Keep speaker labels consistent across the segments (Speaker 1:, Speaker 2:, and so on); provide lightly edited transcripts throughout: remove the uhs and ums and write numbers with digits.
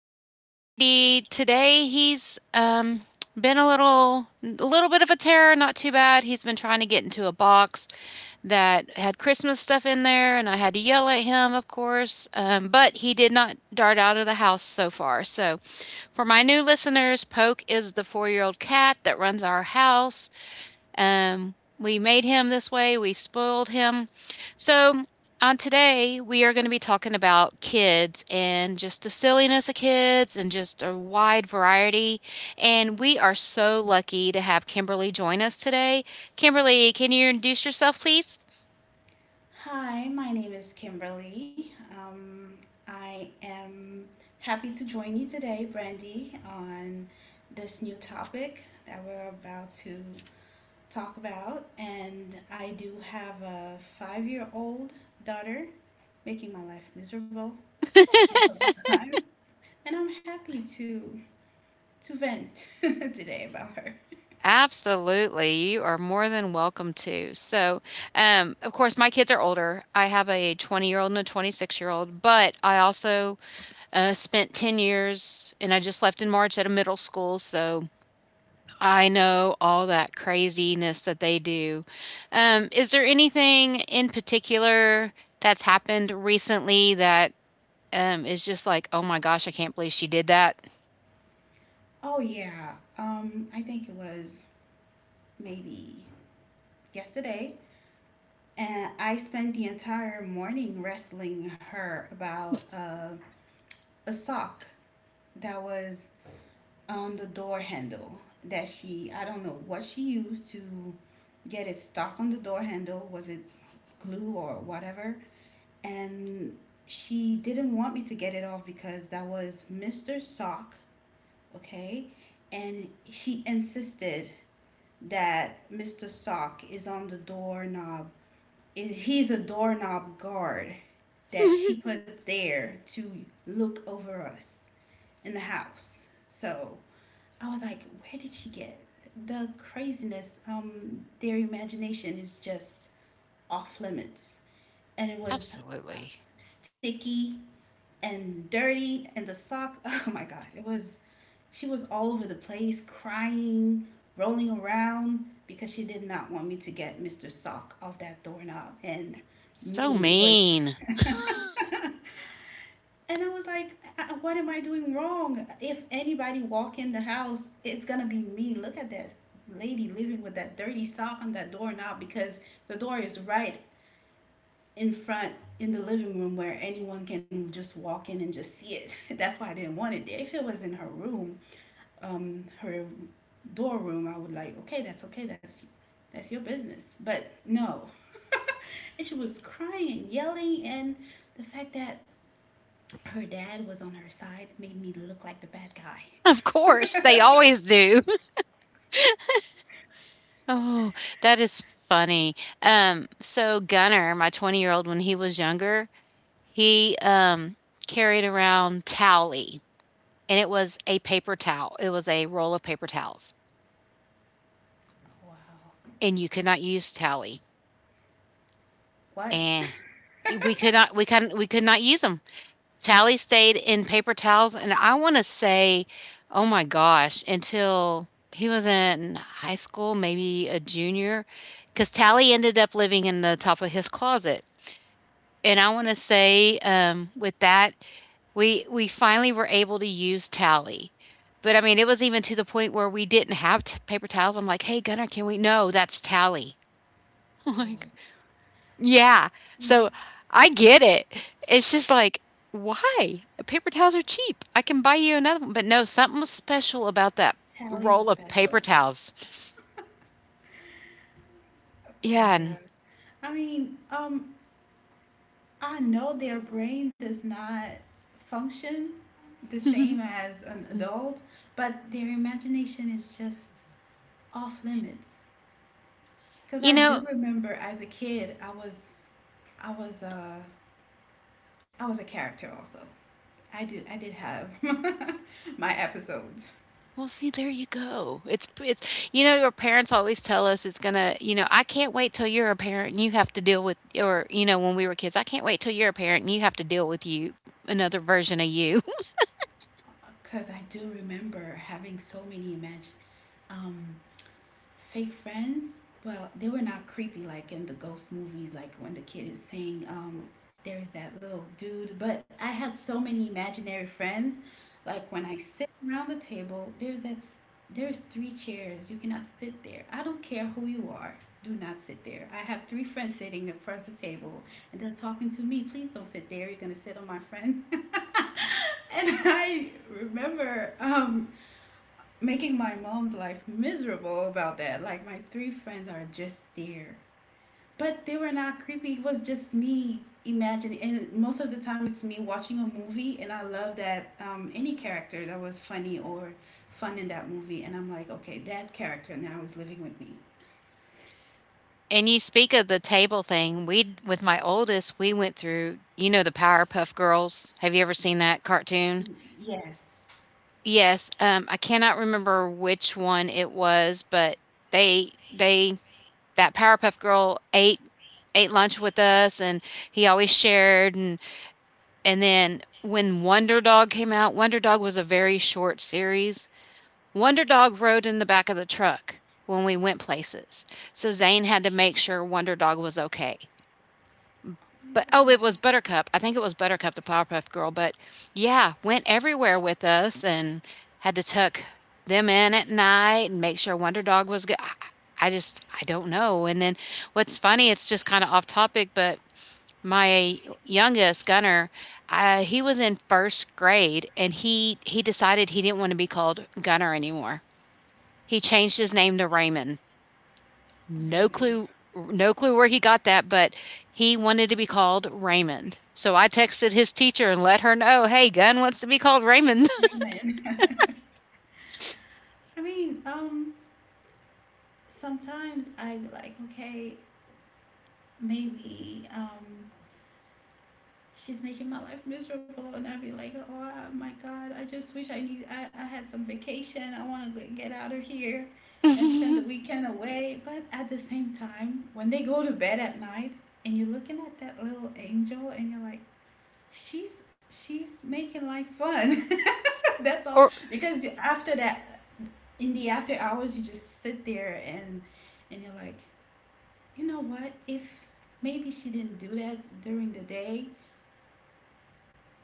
Speaker 1: This is Brandy. Today he's been a little bit of a terror, not too bad. He's been trying to get into a box that had Christmas stuff in there, and I had to yell at him, of course. But he did not dart out of the house so far. So, for my new listeners, Poke is the 4-year old cat that runs our house. We made him this way, we spoiled him. So, on today, we are going to be talking about kids and just the silliness of kids and just a wide variety. And we are so lucky to have Kimberly join us today. Kimberly, can you introduce yourself, please?
Speaker 2: Hi, my name is Kimberly. Um, I am happy to join you today, Brandy, on this new topic that we're about to talk about. And I do have a 5 year old daughter making my life miserable all the time. And I'm happy to vent today about her.
Speaker 1: Absolutely. You are more than welcome to. So, of course, my kids are older. I have a 20-year-old and a 26-year-old, but I also spent 10 years, and I just left in March at a middle school, so I know all that craziness that they do. Is there anything in particular that's happened recently that is just like, oh my gosh, I can't believe she did that?
Speaker 2: Oh, yeah. I think it was maybe yesterday. And I spent the entire morning wrestling her about a sock that was on the door handle that she, I don't know what she used to get it stuck on the door handle. Was it glue or whatever? And she didn't want me to get it off because that was Mr. Sock, okay? And she insisted that Mr. Sock is on the doorknob. He's a doorknob guard that she put there to look over us in the house. So I was like, where did she get the craziness? Their imagination is just off limits. And it was
Speaker 1: Absolutely.
Speaker 2: sticky and dirty, and the sock. Oh my gosh, it was. She was all over the place, crying, rolling around because she did not want me to get Mr. Sock off that doorknob. And
Speaker 1: So
Speaker 2: me, it was.
Speaker 1: mean.
Speaker 2: And I was like, what am I doing wrong? If anybody walk in the house, it's gonna be me. Look at that lady living with that dirty sock on that doorknob because the door is right in front in the living room where anyone can just walk in and just see it. That's why I didn't want it there. If it was in her room, her door room, I would like, okay, that's okay, that's your business. But no, and she was crying, and yelling, and the fact that her dad was on her side, made me look like the bad guy.
Speaker 1: Of course, they always do. Oh, that is funny. So Gunner, my 20-year-old, when he was younger, he carried around Towley, and it was a paper towel. It was a roll of paper towels,
Speaker 2: Oh, wow.
Speaker 1: and you could not use Towley,
Speaker 2: What?
Speaker 1: and we could not use them. Towley stayed in paper towels, and I wanna say, oh my gosh, until he was in high school, maybe a junior, because Towley ended up living in the top of his closet. And I want to say, with that, we finally were able to use Tally. But I mean, it was even to the point where we didn't have paper towels. I'm like, hey, Gunnar, can we? No, that's Tally. I'm like,
Speaker 2: Oh,
Speaker 1: yeah. So I get it. It's just like, why? Paper towels are cheap. I can buy you another one. But no, something was special about that
Speaker 2: Tally was
Speaker 1: roll of
Speaker 2: special.
Speaker 1: paper towels.
Speaker 2: Oh my
Speaker 1: Yeah.
Speaker 2: god. I mean, I know their brain does not function the same
Speaker 1: And,
Speaker 2: as an adult, but their imagination is just off limits. Cause
Speaker 1: you
Speaker 2: I
Speaker 1: know,
Speaker 2: do remember as a kid, I was, uh, I was a character also. I did have my episodes.
Speaker 1: well, see, there you go. It's our parents always tell us it's gonna "I can't wait till you're a parent and you have to deal with" or, when we were kids, "I can't wait till you're a parent and you have to deal with you another version of you."
Speaker 2: Because I do remember having so many imagine um, fake friends? Well, they were not creepy like in the ghost movies, like when the kid is saying, there's that little dude. But I had so many imaginary friends. Like when I sit around the table, there's three chairs. You cannot sit there. I don't care who you are. Do not sit there. I have three friends sitting across the table and they're talking to me. Please don't sit there. You're gonna sit on my friend. And I remember making my mom's life miserable about that. Like my three friends are just there. But they were not creepy. It was just me imagining, and most of the time it's me watching a movie, and I love that, any character that was funny or fun in that movie, and I'm like, okay, that character now is living with me.
Speaker 1: And you speak of the table thing, we with my oldest, we went through the Powerpuff Girls? Have you ever seen that cartoon?
Speaker 2: Yes.
Speaker 1: Yes, I cannot remember which one it was, but they that Powerpuff Girl ate lunch with us, and he always shared, and then when Wonder Dog came out, Wonder Dog was a very short series. Wonder Dog rode in the back of the truck when we went places. So Zane had to make sure Wonder Dog was okay. But
Speaker 2: Oh
Speaker 1: oh, it was
Speaker 2: my
Speaker 1: Buttercup. I think it was Buttercup, the Powerpuff Girl, but yeah, went everywhere with us and had to tuck them in at night and make sure Wonder Dog was good. I just, I don't know. And then what's funny, it's just kind of off topic, but my youngest Gunner, he was in first grade and he decided he didn't want to be called Gunner anymore. He changed his name to Raymond. No
Speaker 2: God,
Speaker 1: clue no clue where he got that, but he wanted to be called Raymond. So I texted his teacher and let her know, "Hey, Gunn wants to be called Raymond."
Speaker 2: Raven. Raven. I mean, sometimes I like okay, maybe she's making my life miserable and I'd be like oh my god I just wish I had some vacation, I want to get out of here and spend the weekend away, but at the same time when they go to bed at night and you're looking at that little angel and you're like she's she's making life fun. That's all,
Speaker 1: or
Speaker 2: because after that in the after hours you just sit there and you're like, you know what, if maybe she didn't do that during the day,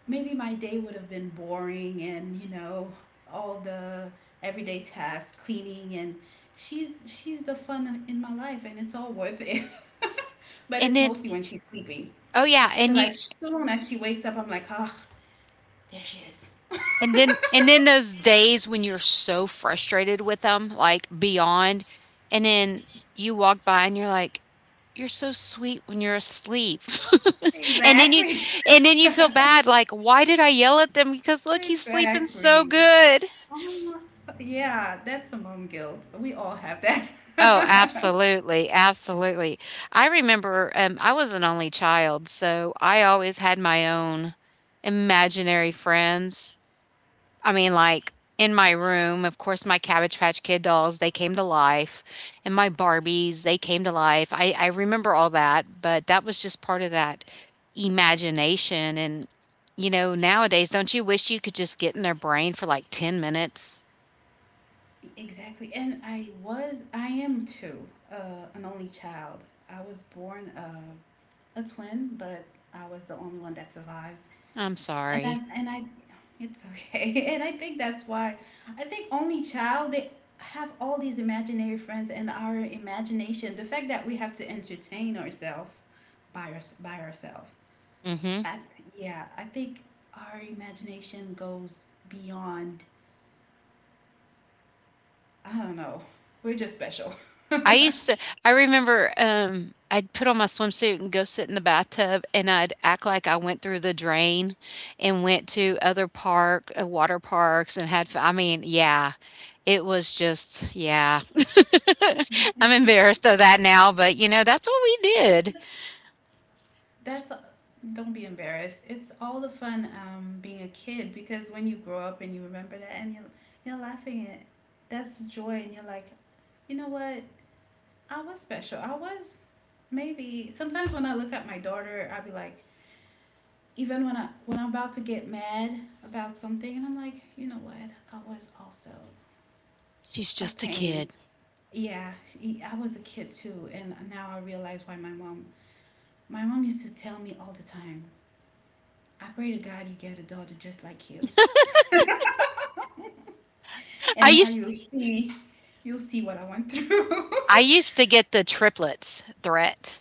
Speaker 2: maybe my day would have been boring, and you know, all the everyday tasks, cleaning, and she's the fun in my life and it's all worth it. But
Speaker 1: and
Speaker 2: it's
Speaker 1: then
Speaker 2: mostly when she's sleeping,
Speaker 1: oh yeah,
Speaker 2: because as soon as she wakes up I'm like, oh, there she is.
Speaker 1: and then those days when you're so frustrated with them, like beyond, and then you walk by and you're like, "You're so sweet when you're asleep." and then you
Speaker 2: Exactly.
Speaker 1: and then you feel bad like, "Why did I yell at them because look, he's sleeping so
Speaker 2: Exactly.
Speaker 1: good."
Speaker 2: Oh, yeah, that's the mom guilt, we all have
Speaker 1: Oh,
Speaker 2: that.
Speaker 1: absolutely, absolutely. I remember I was an only child, so I always had my own imaginary friends. I mean, like in my room, of course, my Cabbage Patch Kid dolls, they came to life, and my Barbies, they came to life. I remember all that, but that was just part of that imagination. And, you know, nowadays, don't you wish you could just get in their brain for like 10 minutes?
Speaker 2: Exactly. And I was, I am too, an only child. I was born, a twin, but I was the only one that survived.
Speaker 1: I'm
Speaker 2: And I,
Speaker 1: sorry.
Speaker 2: and I, it's okay. And I think that's why, I think only child, they have all these imaginary friends and our imagination, the fact that we have to entertain ourselves by ourselves.
Speaker 1: Hmm.
Speaker 2: I, yeah, I think our imagination goes beyond, I don't know, we're just special.
Speaker 1: I used to I remember, I'd put on my swimsuit and go sit in the bathtub, and I'd act like I went through the drain and went to other park water parks and had fun. I mean, yeah, it was just, yeah. I'm embarrassed of that now, but, that's what we did. S
Speaker 2: That's, don't be embarrassed. It's all the fun, being a kid, because when you grow up and you remember that and you're laughing at, that's joy, and you're like, you know what? I was special. I was, maybe sometimes when I look at my daughter, I'll be like, even when I'm about to get mad about something, and I'm like, you know what? I was also
Speaker 1: She's
Speaker 2: a
Speaker 1: just a
Speaker 2: pain.
Speaker 1: kid.
Speaker 2: Yeah, I was a kid too, and now I realize why my mom used to tell me all the time, I pray to God you get a daughter just like you.
Speaker 1: I
Speaker 2: And now
Speaker 1: used
Speaker 2: you'll see what I went through.
Speaker 1: I used to get the triplets threat.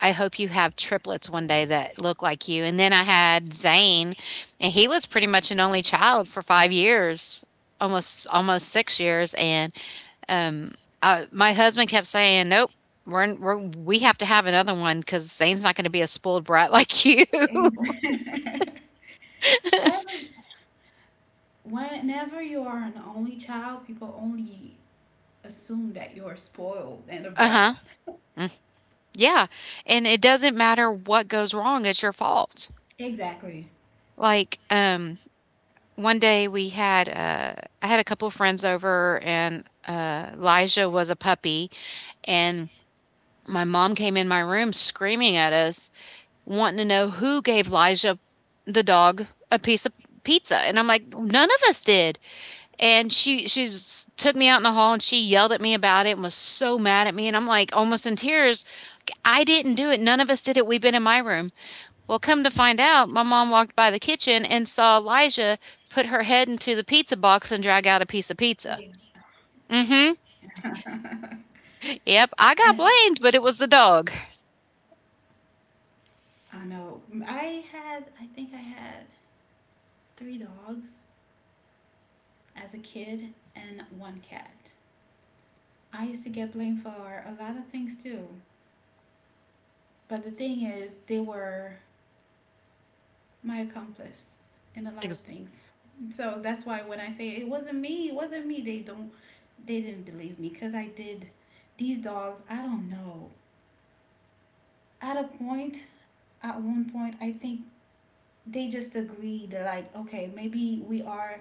Speaker 1: I hope you have triplets one day that look like you. And then I had Zane, and he was pretty much an only child for 5 years, almost 6 years. And um, my husband kept saying, "Nope, we have to have another one because Zane's not going to be a spoiled brat like you."
Speaker 2: And- ever, whenever you are an only child, people only assume that you are spoiled and a
Speaker 1: Uh huh.
Speaker 2: brat.
Speaker 1: Mm, yeah, and it doesn't matter what goes wrong; it's your fault.
Speaker 2: Exactly.
Speaker 1: Like one day we had I had a couple friends over, and Elijah was a puppy. And my mom came in my room screaming at us, wanting to know who gave Elijah the dog a piece of pizza. And I'm like, none of us did. And she took me out in the hall and she yelled at me about it and was so mad at me. And I'm like almost in tears. I didn't do it. None of us did it. We've been in my room. Well, come to find out, my mom walked by the kitchen and saw Elijah put her head into the pizza box and drag out a piece of pizza.
Speaker 2: Exactly.
Speaker 1: Mm-hmm. Yep, I got
Speaker 2: And
Speaker 1: blamed, but it was the dog.
Speaker 2: I know I think I had three dogs as a kid and one cat. I used to get blamed for a lot of things too. But the thing is, they were my accomplice in a lot of
Speaker 1: Ex-
Speaker 2: things. So that's why when I say it wasn't me, they didn't believe me cuz I did these dogs, I don't know. At a point, at one point, I think they just agreed like, okay, maybe we are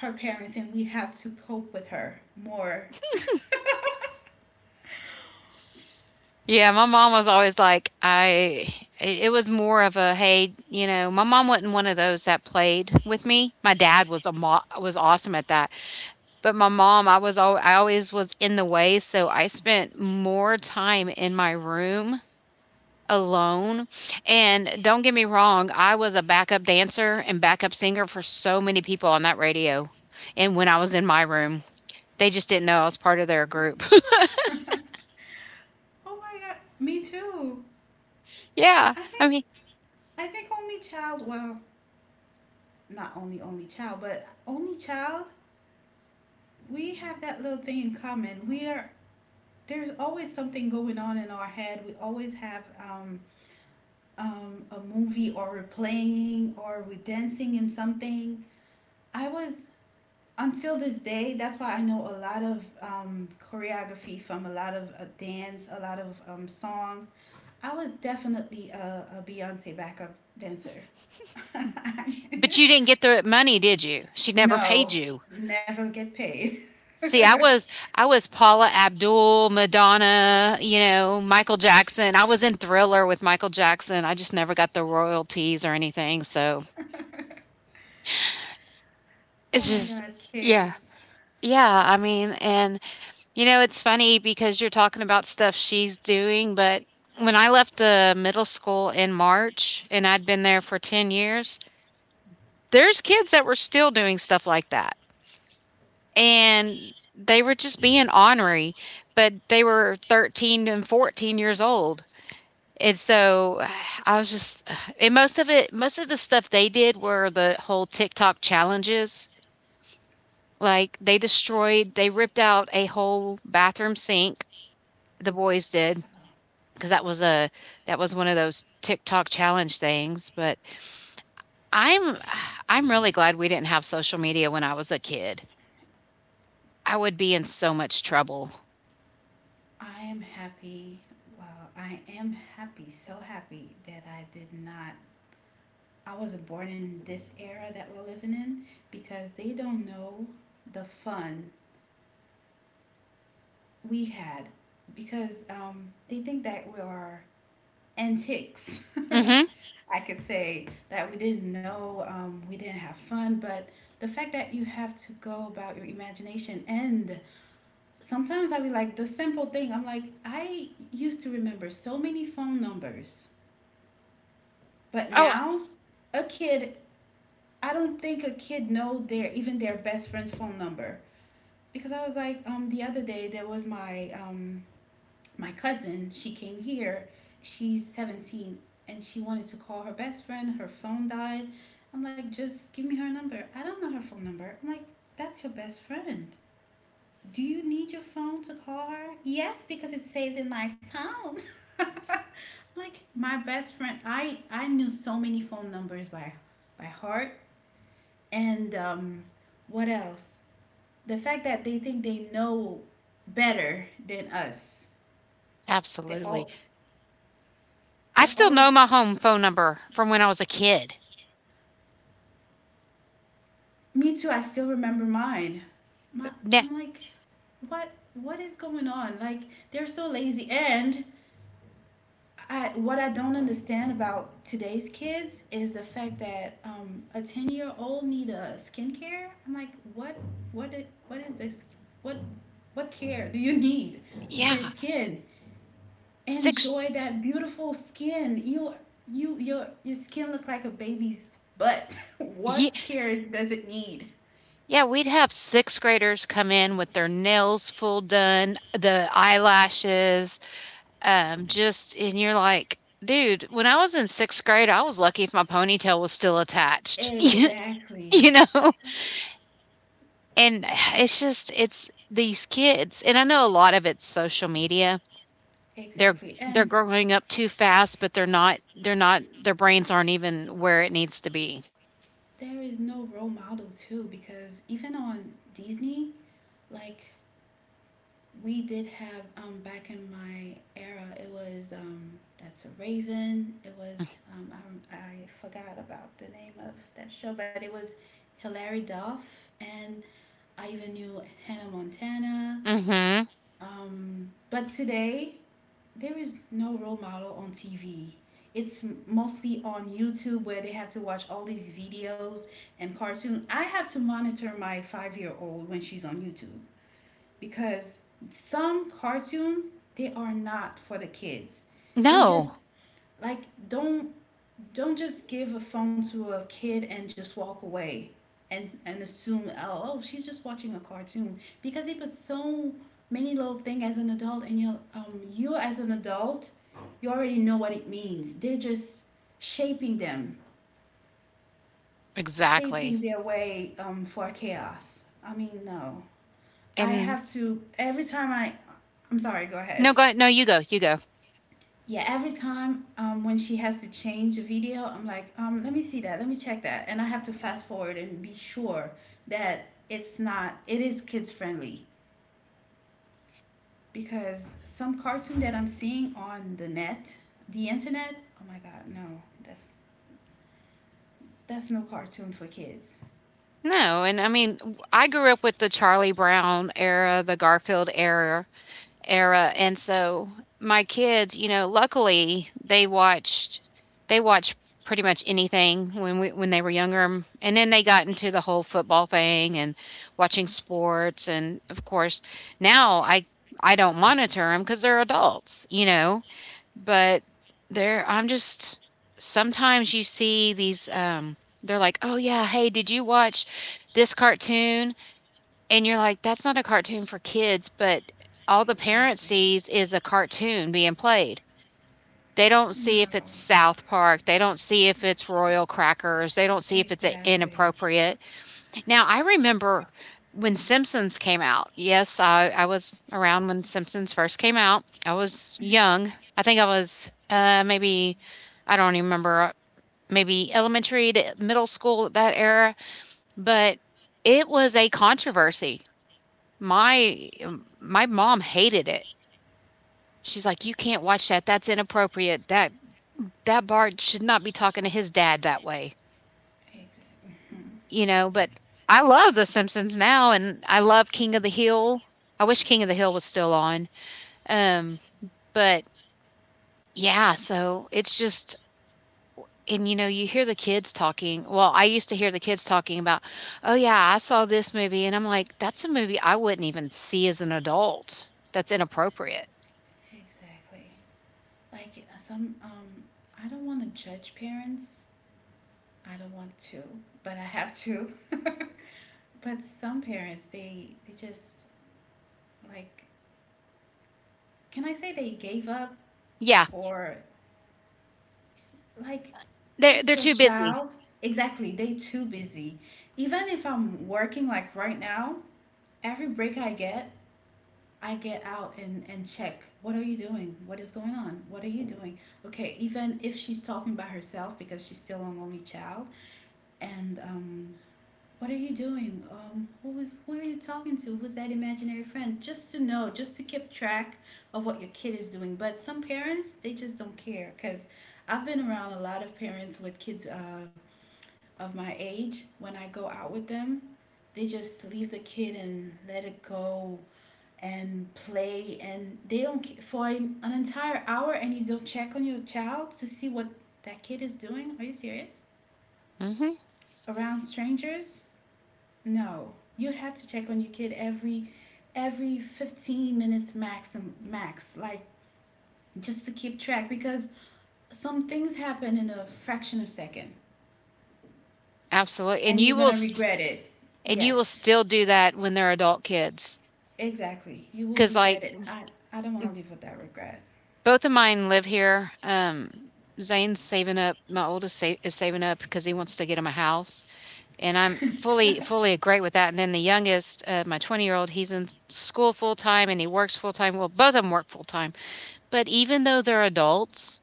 Speaker 2: her parents and we have to cope with her more.
Speaker 1: Yeah, my mom was always like, it was more of a, hey, my mom wasn't one of those that played with me. My dad was awesome at that. But my mom, I always was in the way, so I spent more time in my room alone. And don't get me wrong, I was a backup dancer and backup singer for so many people on that radio. And when I was in my room, they just didn't know I was part of their group.
Speaker 2: Oh my god, me too.
Speaker 1: Yeah.
Speaker 2: I
Speaker 1: I
Speaker 2: think
Speaker 1: mean,
Speaker 2: I think only child, well, not only only child, but only child, we have that little thing in common. We are, there's always something going on in our head. We always have, a movie, or we're playing, or we're dancing in something. I was, until this day. That's why I know a lot of, choreography from a lot of dance, a lot of songs. I was definitely a Beyonce backup dancer.
Speaker 1: but you didn't get the money, did you? She never paid
Speaker 2: No,
Speaker 1: you.
Speaker 2: never get paid. Oh
Speaker 1: See, I was Paula Abdul, Madonna, Michael Jackson. I was in Thriller with Michael Jackson. I just never got the royalties or anything. So it's
Speaker 2: my
Speaker 1: just,
Speaker 2: God,
Speaker 1: yeah.
Speaker 2: kids.
Speaker 1: Yeah, I mean, and it's funny because you're talking about stuff she's doing, but when I left the middle school in March and I'd been there for 10 years, there's kids that were still doing stuff like that. And they were just being ornery, but they were 13 and 14 years old. And so, I was just, and most of the stuff they did were the whole TikTok challenges. Like they destroyed, they ripped out a whole bathroom sink. The boys did because that was one of those TikTok challenge things. But I'm I'm really glad we didn't have social media when I was a kid. I would be in so much trouble.
Speaker 2: I am happy. Well, I am happy, so happy that I did not. I wasn't born in this era that we're living in because they don't know the fun we had because they think that we are antiques.
Speaker 1: Mm-hmm.
Speaker 2: I could say that we didn't know, we didn't have fun, but the fact that you have to go about your imagination, and sometimes I be like the simple thing. I'm like, I used to remember so many phone numbers. But
Speaker 1: Oh,
Speaker 2: now, a kid, I don't think a kid know their even their best friend's phone number. Because I was like, the other day there was my cousin. She came here. She's 17 and she wanted to call her best friend. Her phone died. I'm like, just give me her number. I don't know her phone number. I'm like, that's your best friend. Do you need your phone to call her? Yes, because it's saved in my phone. Like my best friend, I knew so many phone numbers by heart. And what else? The fact that they think they know better than us. They
Speaker 1: absolutely.
Speaker 2: all
Speaker 1: I
Speaker 2: they
Speaker 1: still
Speaker 2: always.
Speaker 1: know my home phone number from when I was a kid.
Speaker 2: Me too. I still remember mine. My,
Speaker 1: Na
Speaker 2: I'm like, what what is going on? Like they're so lazy, and I, what I don't understand about today's kids is the fact that, a 10 year old need a skincare. I'm like, what what is this? What what care do you need for your
Speaker 1: Yeah,
Speaker 2: skin?
Speaker 1: 6
Speaker 2: Enjoy that beautiful skin. You your skin look like a baby's butt.
Speaker 1: ye
Speaker 2: What care does it need?
Speaker 1: yeah, we'd have 6th graders come in with their nails full done, the eyelashes, just and you're like, "Dude, when I was in 6th grade, I was lucky if my ponytail was still attached." You
Speaker 2: Exactly.
Speaker 1: know? And it's these kids and I know a lot of it's social media. They're
Speaker 2: Exactly.
Speaker 1: they're
Speaker 2: And
Speaker 1: growing up too fast, but they're not their brains aren't even where it needs to be.
Speaker 2: there is no role model too because even on Disney, like we did have, back in my era. It was, that's a Raven. It was, um I forgot about the name of that show, but it was Hilary Duff, and I even knew Hannah Montana.
Speaker 1: Mhm.
Speaker 2: But today there is no role model on TV. It's mostly on YouTube where they have to watch all these videos and cartoon. I have to monitor my 5 year old when she's on YouTube because some cartoon, they are not for the kids. They
Speaker 1: No.
Speaker 2: just like don't don't just give a phone to a kid and just walk away and assume, oh, she's just watching a cartoon, because they put so many little thing as an adult, and you as an adult, you already know what it means. They're just shaping them,
Speaker 1: Exactly.
Speaker 2: shaping their way for chaos. I mean, no. I
Speaker 1: And,
Speaker 2: have to every time I I'm sorry, go ahead.
Speaker 1: no, you go. You go.
Speaker 2: Yeah, every time when she has to change a video, I'm like, let me see that, let me check that, and I have to fast forward and be sure that it's not it is kids friendly, because some cartoon that I'm seeing on the net, the internet, oh my god, no, that's no cartoon for kids.
Speaker 1: No, and I mean, I grew up with the Charlie Brown era, the Garfield era, and so my kids, luckily, they watched pretty much anything when we when they were younger, and then they got into the whole football thing and watching sports. And of course now I don't monitor them, cuz they're adults, you know. But they're I'm just sometimes you see these, they're like, "Oh yeah, hey, did you watch this cartoon?" And you're like, "That's not a cartoon for kids," but all the parent
Speaker 2: Exactly.
Speaker 1: sees is a cartoon being played. They don't see if
Speaker 2: No.
Speaker 1: it's South Park, they don't see if it's Royal Crackers, they don't see if it's,
Speaker 2: Exactly.
Speaker 1: inappropriate. Now, I remember when Simpsons came out. Yes, I was around when Simpsons first came out. I was young. I think I was, maybe, I don't even remember, maybe elementary to middle school, at that era, but it was a controversy. My mom hated it. She's like, "You can't watch that. That's inappropriate. That Bart should not be talking to his dad that way."
Speaker 2: Exactly.
Speaker 1: You know, but I love The Simpsons now and I love King of the Hill. I wish King of the Hill was still on. Um, but yeah, so it's just, and you know, you hear the kids talking. Well, I used to hear the kids talking about, "Oh yeah, I saw this movie." And I'm like, "That's a movie I wouldn't even see as an adult. That's inappropriate."
Speaker 2: Exactly. Like, some I don't want to judge parents. I don't want to, but I have to. But some parents, they just, like, can I say they gave up,
Speaker 1: Yeah.
Speaker 2: or, like,
Speaker 1: They're
Speaker 2: it's
Speaker 1: they're
Speaker 2: your
Speaker 1: too busy.
Speaker 2: child? Exactly. They too busy. Even if I'm working like right now, every break I get out and check. What are you doing? What is going on? What are you doing? Okay, even if she's talking by herself because she's still an only child, and what are you doing? Who are you talking to? Who's that imaginary friend? Just to know, just to keep track of what your kid is doing. But some parents, they just don't care, because I've been around a lot of parents with kids of my age. When I go out with them, they just leave the kid and let it go and play, and they don't, for an entire hour, and you don't check on your child to see what that kid is doing. Are you serious?
Speaker 1: Mhm.
Speaker 2: Around strangers? No, you have to check on your kid every 15 minutes max, like just to keep track because some things happen in a fraction of a second,
Speaker 1: Absolutely.
Speaker 2: and you're gonna regret it.
Speaker 1: And you
Speaker 2: Yes,
Speaker 1: will still do that when they're adult kids.
Speaker 2: exactly. You will
Speaker 1: Because, like,
Speaker 2: regret it. I don't want to live with that regret.
Speaker 1: both of mine live here. Zane's saving up, my oldest sa is saving up because he wants to get him a house, and I'm fully fully great with that. And then the youngest, my 20-year-old, he's in s school full-time and he works full-time. Well, both of them work full-time. But even though they're adults,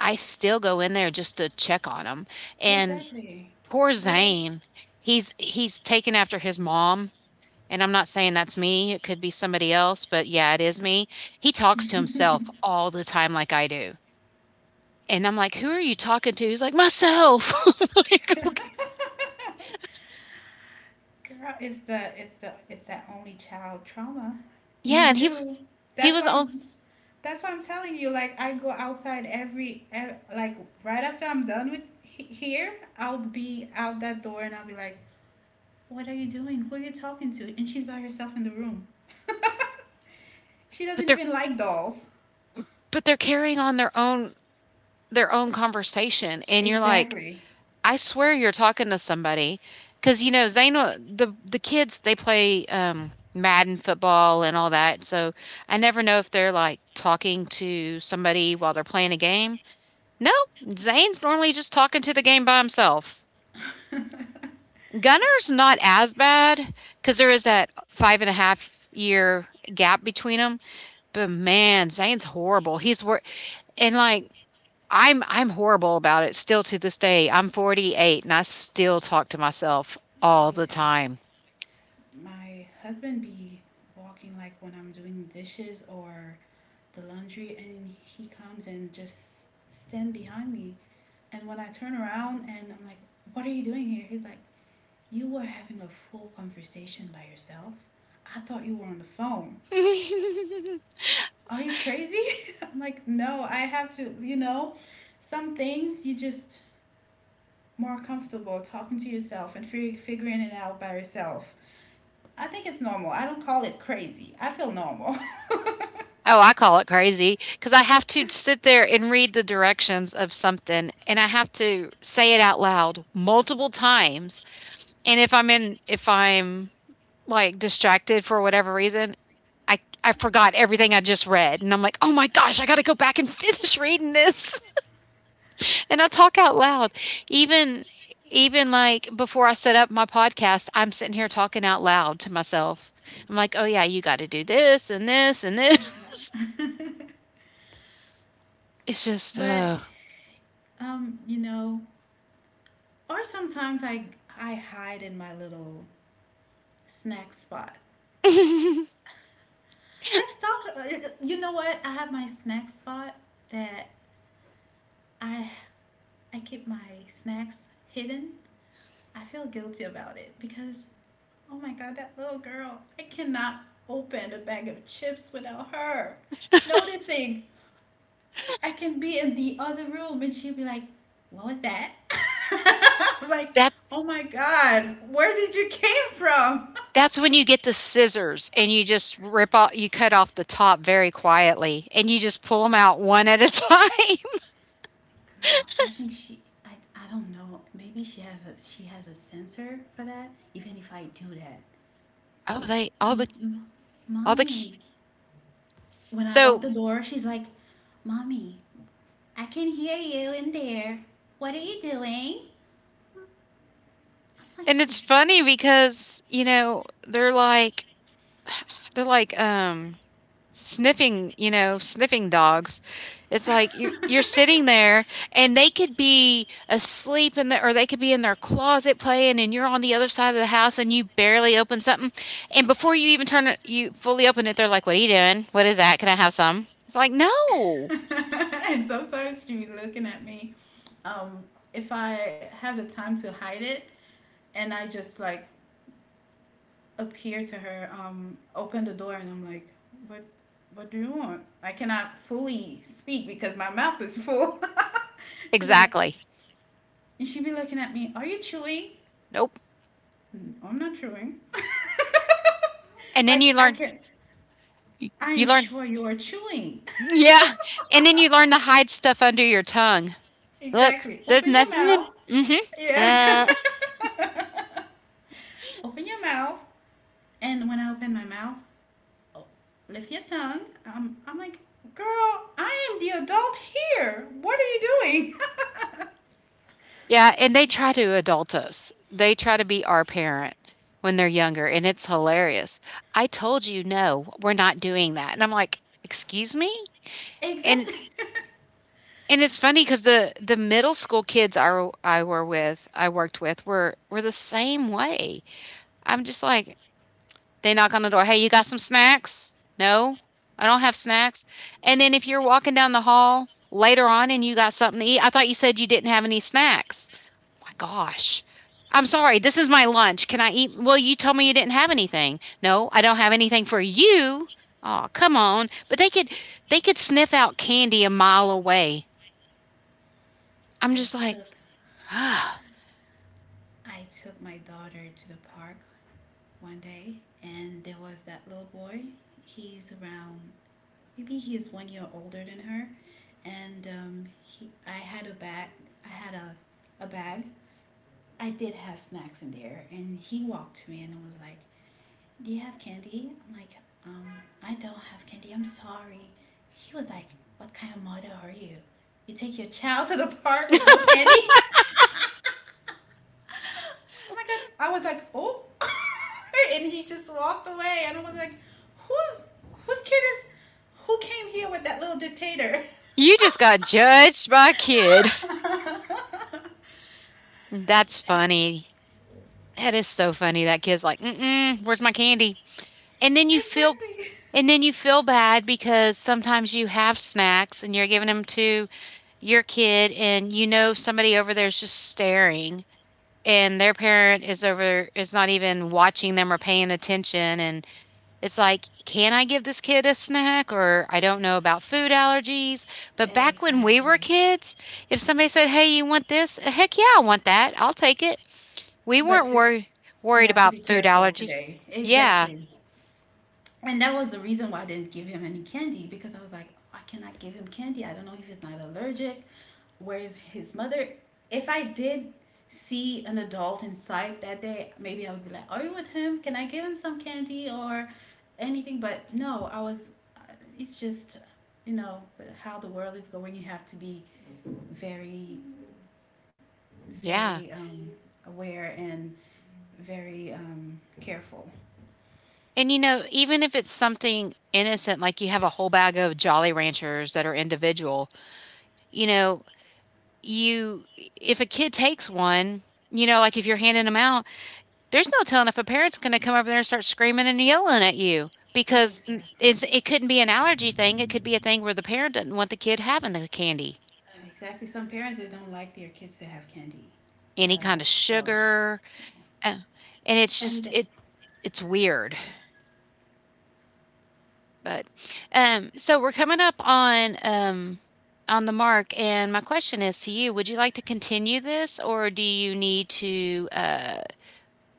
Speaker 1: I still go in there just to check on them. And
Speaker 2: Exactly.
Speaker 1: poor
Speaker 2: What are
Speaker 1: Zane, he's taken after his mom. And I'm not saying that's me, it could be somebody else, but yeah, it is me. He talks to
Speaker 2: you?
Speaker 1: himself all the time like I do. And I'm like, "Who are you talking to?" He's like, "Myself." I'm like, "Okay."
Speaker 2: Girl, it's that only child trauma.
Speaker 1: Yeah,
Speaker 2: Me
Speaker 1: and
Speaker 2: too.
Speaker 1: he
Speaker 2: That's
Speaker 1: was
Speaker 2: why
Speaker 1: on
Speaker 2: I'm That's why I'm telling you. Like, I go outside every, ev like right after I'm done with here, I'll be out that door and I'll be like, "What are you doing? Who are you talking to?" And she's by herself in the room. She
Speaker 1: but
Speaker 2: doesn't
Speaker 1: they're,
Speaker 2: even like dolls.
Speaker 1: but they're carrying on their own, their own conversation, and you're like,
Speaker 2: Exactly.
Speaker 1: "I swear you're talking to somebody," because, you know, Zayna, the kids, they play, Madden football and all that, so I never know if they're, like, talking to somebody while they're playing a game. No, Zane's normally just talking to the game by himself. Gunner's not as bad because there is that five and a half year gap between them. But man, Zane's horrible. And like I'm horrible about it still to this day. I'm 48 and I still talk to myself all
Speaker 2: Me
Speaker 1: the
Speaker 2: too.
Speaker 1: time.
Speaker 2: My husband be walking like when I'm doing dishes or the laundry, and he comes and just stand behind me. And when I turn around and I'm like, "What are you doing here?" He's like, you were having a full conversation by yourself. I thought you were on the phone.
Speaker 1: Oh,
Speaker 2: Are you crazy? I'm like, no, I have to, you know, some things you just more comfortable talking to yourself and figuring it out by yourself. I think it's normal. I don't call it crazy. I feel normal.
Speaker 1: I call it crazy because I have to sit there and read the directions of something and I have to say it out loud multiple times. And if I'm like distracted for whatever reason, I forgot everything I just read and I'm like, "Oh my gosh, I got to go back and finish reading this." And I talk out loud. Even even like before I set up my podcast, I'm sitting here talking out loud to myself. I'm like, "Oh yeah, you got to do this and this and this."
Speaker 2: Yeah.
Speaker 1: It's just
Speaker 2: But you know, or sometimes I hide in my little snack spot.
Speaker 1: that
Speaker 2: Let's talk. You know what? I have my snack spot that I I keep my snacks hidden. I feel guilty about it because, oh my god, that little girl! I cannot open a bag of chips without her noticing. I can be in the other room and she would be like, "What was that?" I'm like, "Oh my god, where did you came from?"
Speaker 1: That's when you get the scissors and you just rip off you cut off the top very quietly and you just pull them out one at a time.
Speaker 2: Girl, I think she. I don't know. Maybe she has a sensor for that. Even if I do that,
Speaker 1: Oh, they
Speaker 2: mm-mm.
Speaker 1: all the ki
Speaker 2: Mommy. When I
Speaker 1: so,
Speaker 2: lock the door, she's like, "Mommy, I can hear you in there. What are you doing?" I'm
Speaker 1: and it's funny because, you know, they're like, they're like, sniffing, you know, sniffing dogs. It's like, you're sitting there and they could be asleep in the, or they could be in their closet playing, and you're on the other side of the house and you barely open something, and before you even turn it, you fully open it, they're like, "What are you doing? What is that? Can I have some?" It's like, "No."
Speaker 2: like, and sometimes she be looking at me. Um, if I have the time to hide it, and I just like appear to her, opened the door, and I'm like, what? What do you want? I cannot fully speak because my mouth is full. She's like,
Speaker 1: Exactly.
Speaker 2: and she'd be looking at me. Are you chewing?
Speaker 1: Nope.
Speaker 2: "Mm, I'm not chewing.
Speaker 1: And then
Speaker 2: Like
Speaker 1: you
Speaker 2: I
Speaker 1: learn,
Speaker 2: can, I
Speaker 1: you
Speaker 2: am
Speaker 1: learn
Speaker 2: sure you are chewing.
Speaker 1: yeah, and then you learn to hide stuff under your tongue. Look,
Speaker 2: Exactly.
Speaker 1: there's
Speaker 2: Open your
Speaker 1: nothing in.
Speaker 2: mouth.
Speaker 1: Mhm.
Speaker 2: Yeah.
Speaker 1: Uh,
Speaker 2: Open your mouth. And when I opened my mouth, lift your tongue. I'm like, girl, I am the adult here. What are you doing?
Speaker 1: yeah, and they try to adult us. They try to be our parent when they're younger, and it's hilarious. "I told you, no, we're not doing that," and I'm like, "Excuse me?" And
Speaker 2: Exactly.
Speaker 1: and it's funny because the middle school kids I worked with were the same way. I'm just like, they knock on the door, "Hey, you got some snacks?" "No, I don't have snacks." And then if you're walking down the hall later on and you got something to eat, "I thought you said you didn't have any snacks." My gosh. I'm sorry, this is my lunch. Can I eat? Well, you told me you didn't have anything. No, I don't have anything for you. Oh, come on. But they could sniff out candy a mile away. I'm
Speaker 2: I
Speaker 1: just like,
Speaker 2: took
Speaker 1: ah,
Speaker 2: I took my daughter to the park one day, and there was that little boy. He's around, maybe he's 1 year older than her, and he I had a bag. I had a bag. I did have snacks in there, and he walked to me and was like, do you have candy? I'm like, um, I don't have candy. I'm sorry. He was like, what kind of mother are you? You take your child to the park with no candy? Oh my god. I was like, oh. And he just walked away. And I was like, who's, whose kid is, who came here with that little dictator?
Speaker 1: you just got judged by a kid. That's funny. That is so funny. That kid's like, mm-mm, where's my candy? And then you feel,
Speaker 2: Exactly.
Speaker 1: and then you feel bad because sometimes you have snacks and you're giving them to your kid and you know somebody over there is just staring, and their parent is over, is not even watching them or paying attention, and it's like, can I give this kid a snack, or I don't know about food allergies. But back when we were
Speaker 2: Exactly.
Speaker 1: kids, if somebody said, "Hey, you want this?" "Heck yeah, I want that, I'll take it." We
Speaker 2: But
Speaker 1: weren't
Speaker 2: to,
Speaker 1: worried
Speaker 2: you
Speaker 1: worried
Speaker 2: have to
Speaker 1: about
Speaker 2: be
Speaker 1: food
Speaker 2: careful
Speaker 1: allergies.
Speaker 2: today.
Speaker 1: Yeah.
Speaker 2: Exactly. And that was the reason why I didn't give him any candy, because I was like, I cannot give him candy. I don't know if he's not allergic. Where's his mother? If I did see an adult in sight that day, maybe I would be like, are you with him? Can I give him some candy or anything? But no, uh, it's just, you know, how the world is going. You have to be very,
Speaker 1: Yeah,
Speaker 2: very aware and very careful.
Speaker 1: and you know, even if it's something innocent like you have a whole bag of Jolly Ranchers that are individual, you know. You If a kid takes one, you know, like, if you're handing them out, there's no telling if a parent's gonna come over there and start screaming and yelling at you, because
Speaker 2: Exactly.
Speaker 1: it's, it couldn't be an allergy thing, it could be a thing where the parent doesn't want the kid having the candy.
Speaker 2: And exactly, some parents they don't like their kids to have candy at
Speaker 1: Any
Speaker 2: all.
Speaker 1: kind of
Speaker 2: So,
Speaker 1: sugar, uh, and it's
Speaker 2: and
Speaker 1: just, it's weird, but, so we're coming up on the mark, and my question is to you, would you like to continue this, or do you need to,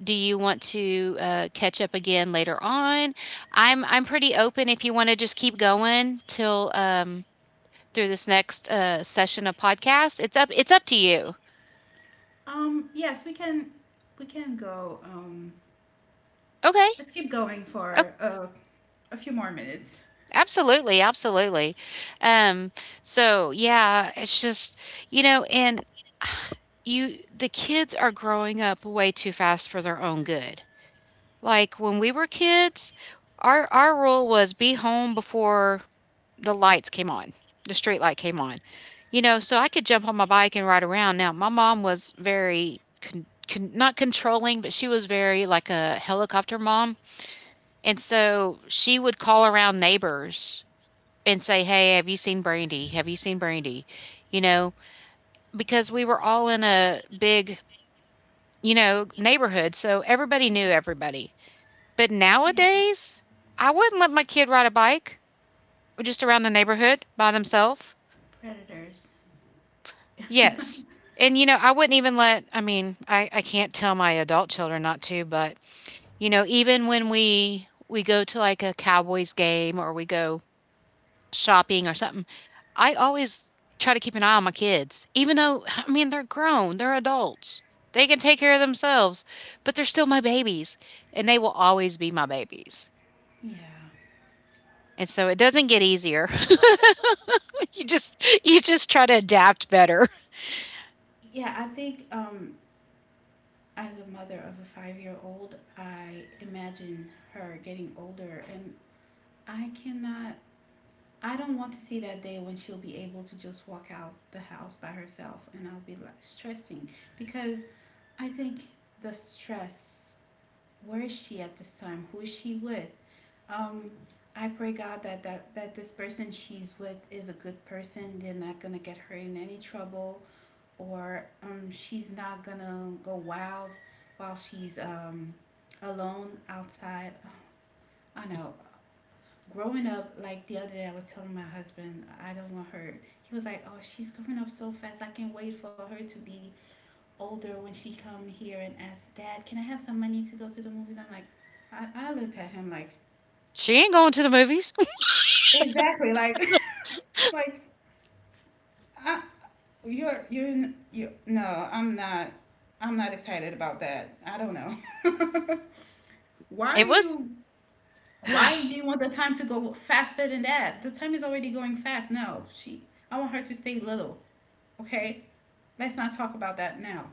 Speaker 1: Do you want to, catch up again later on? I'm pretty open if you want to just keep going till, through this next, session of podcast. It's up to you.
Speaker 2: yes, we can go.
Speaker 1: Okay.
Speaker 2: Let's keep going
Speaker 1: Oh,
Speaker 2: for a few more minutes.
Speaker 1: absolutely, absolutely. Um, so yeah, it's just, you know, and you, the kids are growing up way too fast for their own good. Like when we were kids, our rule was be home before the lights came on. The street light came on. You know, so I could jump on my bike and ride around. Now, my mom was very not controlling, but she was very like a helicopter mom. And so she would call around neighbors and say, "Hey, have you seen Brandy? Have you seen Brandy?" You know, because we were all in a big, you know, neighborhood, so everybody knew everybody. But
Speaker 2: Yeah,
Speaker 1: nowadays, I wouldn't let my kid ride a bike just around the neighborhood by themselves.
Speaker 2: predators.
Speaker 1: Yes. And you know, I wouldn't even let, I mean, I can't tell my adult children not to, but you know, even when we go to like a Cowboys game, or we go shopping or something, I always try to keep an eye on my kids. Even though, I mean, they're grown, they're adults. They can take care of themselves, but they're still my babies, and they will always be my babies.
Speaker 2: Yeah.
Speaker 1: And so it doesn't get easier. You just, you just try to adapt better.
Speaker 2: Yeah, I think as a mother of a 5 year old, I imagine her getting older, and I cannot I don't want to see that day when she'll be able to just walk out the house by herself and I'll be like stressing because I think the stress, where is she at this time? Who is she with? Um I pray God that that this person she's with is a good person. They're not gonna get her in any trouble, or she's not gonna go wild while she's alone outside. I know growing up, like the other day I was telling my husband, I don't want her. He was like, oh, she's growing up so fast. I can't wait for her to be older, when she come here and ask, dad, can I have some money to go to the movies? I'm like, I looked at him like,
Speaker 1: She ain't going to the movies.
Speaker 2: exactly, like like I, you're you no, i'm not I'm not excited about that. I don't know. Why are
Speaker 1: It was
Speaker 2: you, why do you want the time to go faster than that? The time is already going fast. No she I want her to stay little. Okay, let's not talk about that now.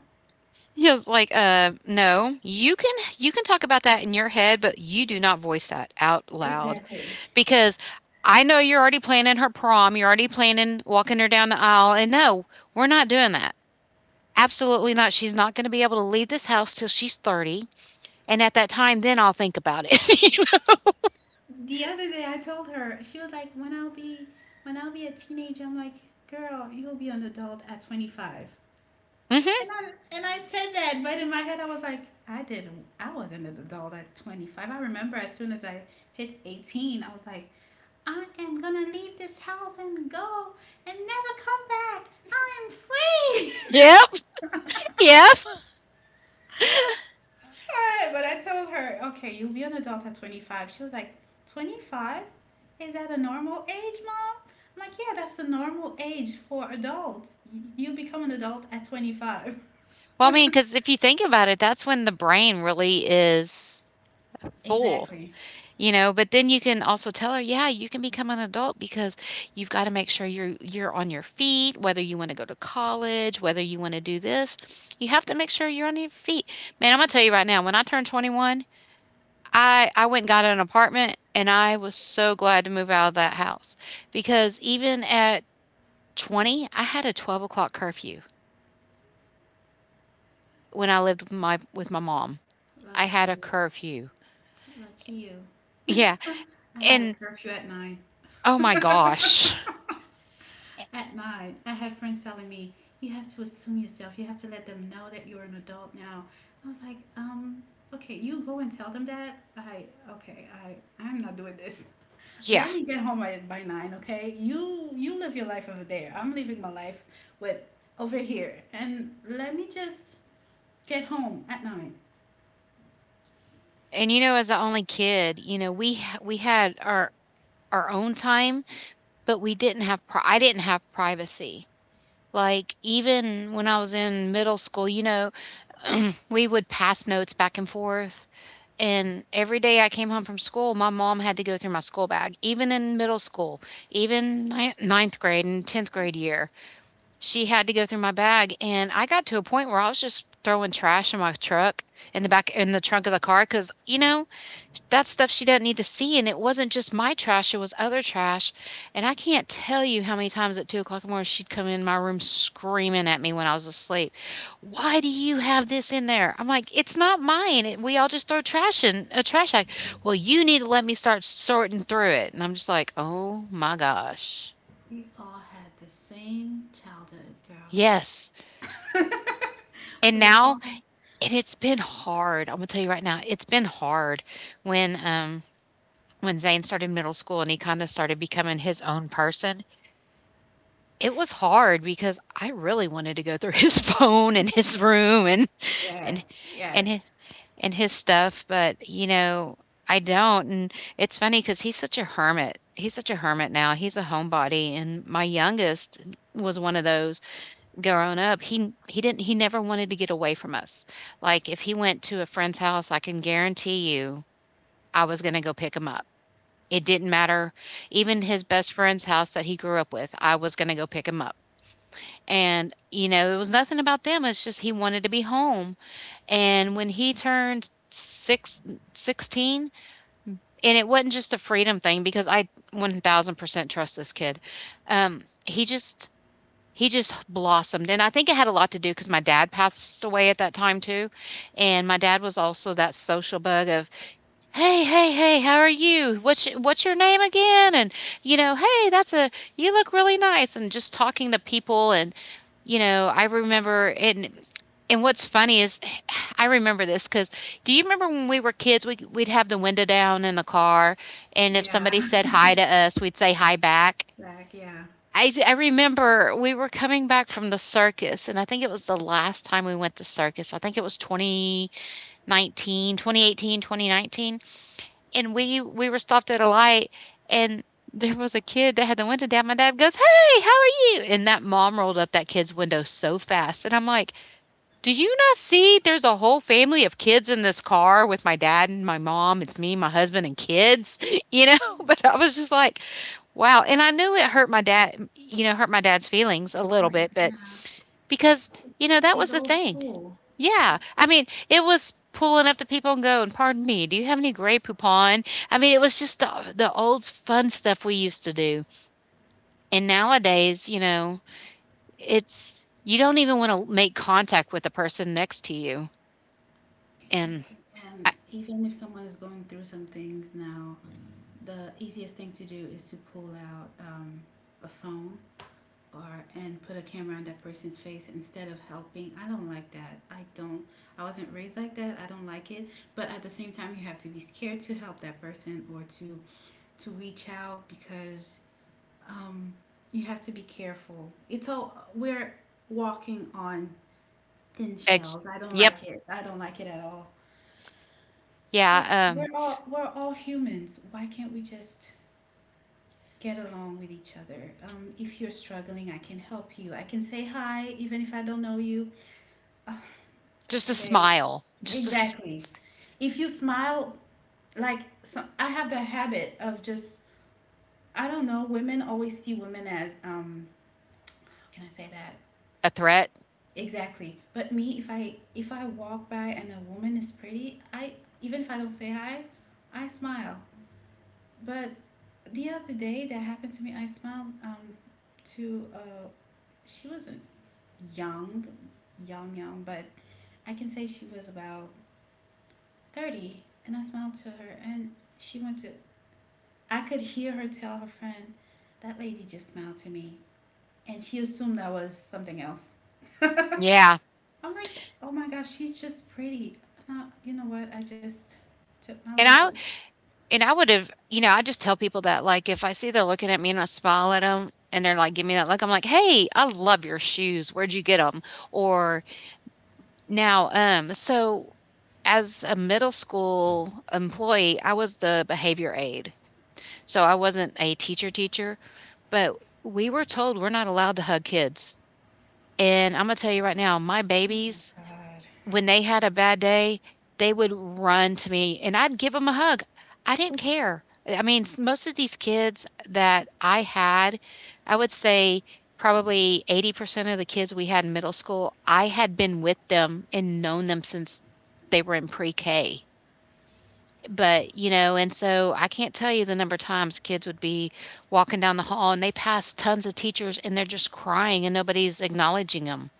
Speaker 1: he was like, no. You can talk about that in your head, but you do not voice that out loud,
Speaker 2: Exactly.
Speaker 1: because I know you're already planning her prom, you're already planning walking her down the aisle, and no, we're not doing that. Absolutely not. She's not going to be able to leave this house till she's 30, and at that time then I'll think about it."
Speaker 2: The other day I told her, she was like, when I'll be a teenager, I'm like, girl, you'll be an adult at 25.
Speaker 1: Mhm.
Speaker 2: And I said that, but in my head I was like, I wasn't an adult at 25. I remember as soon as I hit 18, I was like, I am going to leave this house and go and never come back. I
Speaker 1: Yep.
Speaker 2: am free.
Speaker 1: Yep.
Speaker 2: Alright, but I told her, okay, you'll be an adult at 25. She was like, 25? Is that a normal age, mom? I'm like, yeah, that's the normal age for adults. You become an adult at 25.
Speaker 1: Well, I mean, cuz if you think about it, that's when the brain really is full.
Speaker 2: Exactly.
Speaker 1: You know, but then you can also tell her, "Yeah, you can become an adult because you've gotta make sure you're on your feet, whether you wanna go to college, whether you wanna do this, you have to make sure you're on your feet." Man, Imma tell you right now, when I turned 21, I went and got an apartment, and I was so glad to move out of that house, because even at 20, I had a 12 o'clock curfew when I lived with my mom. I had
Speaker 2: Lucky
Speaker 1: a
Speaker 2: you.
Speaker 1: curfew.
Speaker 2: Lucky you.
Speaker 1: Yeah,
Speaker 2: I had a
Speaker 1: and
Speaker 2: curfew at 9.
Speaker 1: oh my gosh.
Speaker 2: At 9, I had friends telling me, you have to assume yourself. You have to let them know that you're an adult now. I was like, okay, you go and tell them that. Okay, I'm not doing this.
Speaker 1: Yeah.
Speaker 2: Let me get home by 9, okay? You live your life over there. I'm living my life with over here, and let me just get home at 9.
Speaker 1: And, as the only kid, we had our own time, but we didn't have pri I didn't have privacy. Like, even when I was in middle school, we would pass notes back and forth, and every day I came home from school, my mom had to go through my school bag, even in middle school, even ni 9th grade and 10th grade year. She had to go through my bag, and I got to a point where I was just throwing trash in my truck in the back in the trunk of the car, because that's stuff she doesn't need to see, and it wasn't just my trash, it was other trash. And I can't tell you how many times at 2 o'clock in the morning she'd come in my room screaming at me when I was asleep. Why do you have this in there? I'm like, it's not mine. We all just throw trash in a trash bag. Well, you need to let me start sorting through it. And I'm just like, oh my gosh.
Speaker 2: We all had the same childhood, girl.
Speaker 1: Yes. And
Speaker 2: We all
Speaker 1: now,
Speaker 2: had.
Speaker 1: and it's been hard. I'm gonna tell you right now, it's been hard when um when Zane started middle school and he kind of started becoming his own person. It was hard because I really wanted to go through his phone and his room and
Speaker 2: Yes, yes,
Speaker 1: and his, and his stuff, but I don't. And it's funny because he's such a hermit. He's such a hermit now. He's a homebody, and my youngest was one of those. Growing up, he never wanted to get away from us. Like if he went to a friend's house, I can guarantee you, I was going to go pick him up. It didn't matter. Even his best friend's house that he grew up with, I was going to go pick him up. And, it was nothing about them, it's just he wanted to be home. And when 16, and it wasn't just a freedom thing because I 1000% trust this kid. Um, he just he just blossomed, and I think it had a lot to do because my dad passed away at that time too, and my dad was also that social bug of hey, how are you, what's your name again? And hey, that's a you look really nice, and just talking to people. And I remember and what's funny is, I remember this because, do you remember when we were kids, we'd have the window down in the car, and if
Speaker 2: yeah.
Speaker 1: somebody said hi to us, we'd say hi back.
Speaker 2: Like, yeah,
Speaker 1: I remember we were coming back from the circus, and I think it was the last time we went to circus. I think it was 2019, and we were stopped at a light, and there was a kid that had the window down. My dad goes, "Hey, how are you?" And that mom rolled up that kid's window so fast. And I'm like, do you not see there's a whole family of kids in this car with my dad and my mom? It's me, my husband, and kids, you know? But I was just like, wow. And I knew it hurt my dad, hurt my dad's feelings a little
Speaker 2: Lane's
Speaker 1: bit, but
Speaker 2: yeah.
Speaker 1: because, that
Speaker 2: He's
Speaker 1: was the
Speaker 2: old
Speaker 1: thing.
Speaker 2: school.
Speaker 1: Yeah, I mean, it was pulling up to people and going, "Pardon me, do you have any Grey Poupon?" I mean, it was just the old fun stuff we used to do, and nowadays, it's you don't even wanna make contact with the person next to you, and
Speaker 2: Exactly. And
Speaker 1: I
Speaker 2: even if someone is going through some things now, the easiest thing to do is to pull out a phone or, and put a camera on that person's face instead of helping. I don't like that. I don't. I wasn't raised like that. I don't like it. But at the same time, you have to be scared to help that person or to reach out because um, you have to be careful. It's all we're walking on thin
Speaker 1: ex
Speaker 2: shells. I don't
Speaker 1: yep,
Speaker 2: like it. I don't like it at all. Like,
Speaker 1: yeah,
Speaker 2: we're all humans. Why can't we just get along with each other? If you're struggling, I can help you. I can say hi even if I don't know you. Ugh. But
Speaker 1: just a
Speaker 2: today,
Speaker 1: smile, just a s
Speaker 2: exactly. If
Speaker 1: s
Speaker 2: you smile, like, so I have the habit of just, I don't know. Women always see women as How can I say that?
Speaker 1: a threat.
Speaker 2: Exactly. But me, if I walk by and a woman is pretty, I, even if I don't say hi, I smile. But the other day that happened to me, I smiled to she wasn't young, young young, but I can say she was about 30. And I smiled to her, and she went to, I could hear her tell her friend, that lady just smiled to me. And she assumed I was something else. I'm
Speaker 1: Yeah,
Speaker 2: like, oh my gosh, she's just pretty. And I, you know what? I just took my
Speaker 1: and
Speaker 2: little,
Speaker 1: I and I would have, I just tell people that, like, if I see they're looking at me and I smile at them and they're like, give me that look, I'm like, hey, I love your shoes. Where'd you get them? Or now, so as a middle school employee, I was the behavior aide. So I wasn't a teacher teacher, but we were told we're not allowed to hug kids. And I'm going to tell you right now, my
Speaker 2: oh my
Speaker 1: babies,
Speaker 2: God.
Speaker 1: when they had a bad day, they would run to me and I'd give them a hug. I didn't care. I mean, most of these kids that I had, I would say probably 80% of the kids we had in middle school, I had been with them and known them since they were in pre K. But, and so I can't tell you the number of times kids would be walking down the hall and they pass tons of teachers and they're just crying and nobody's acknowledging them.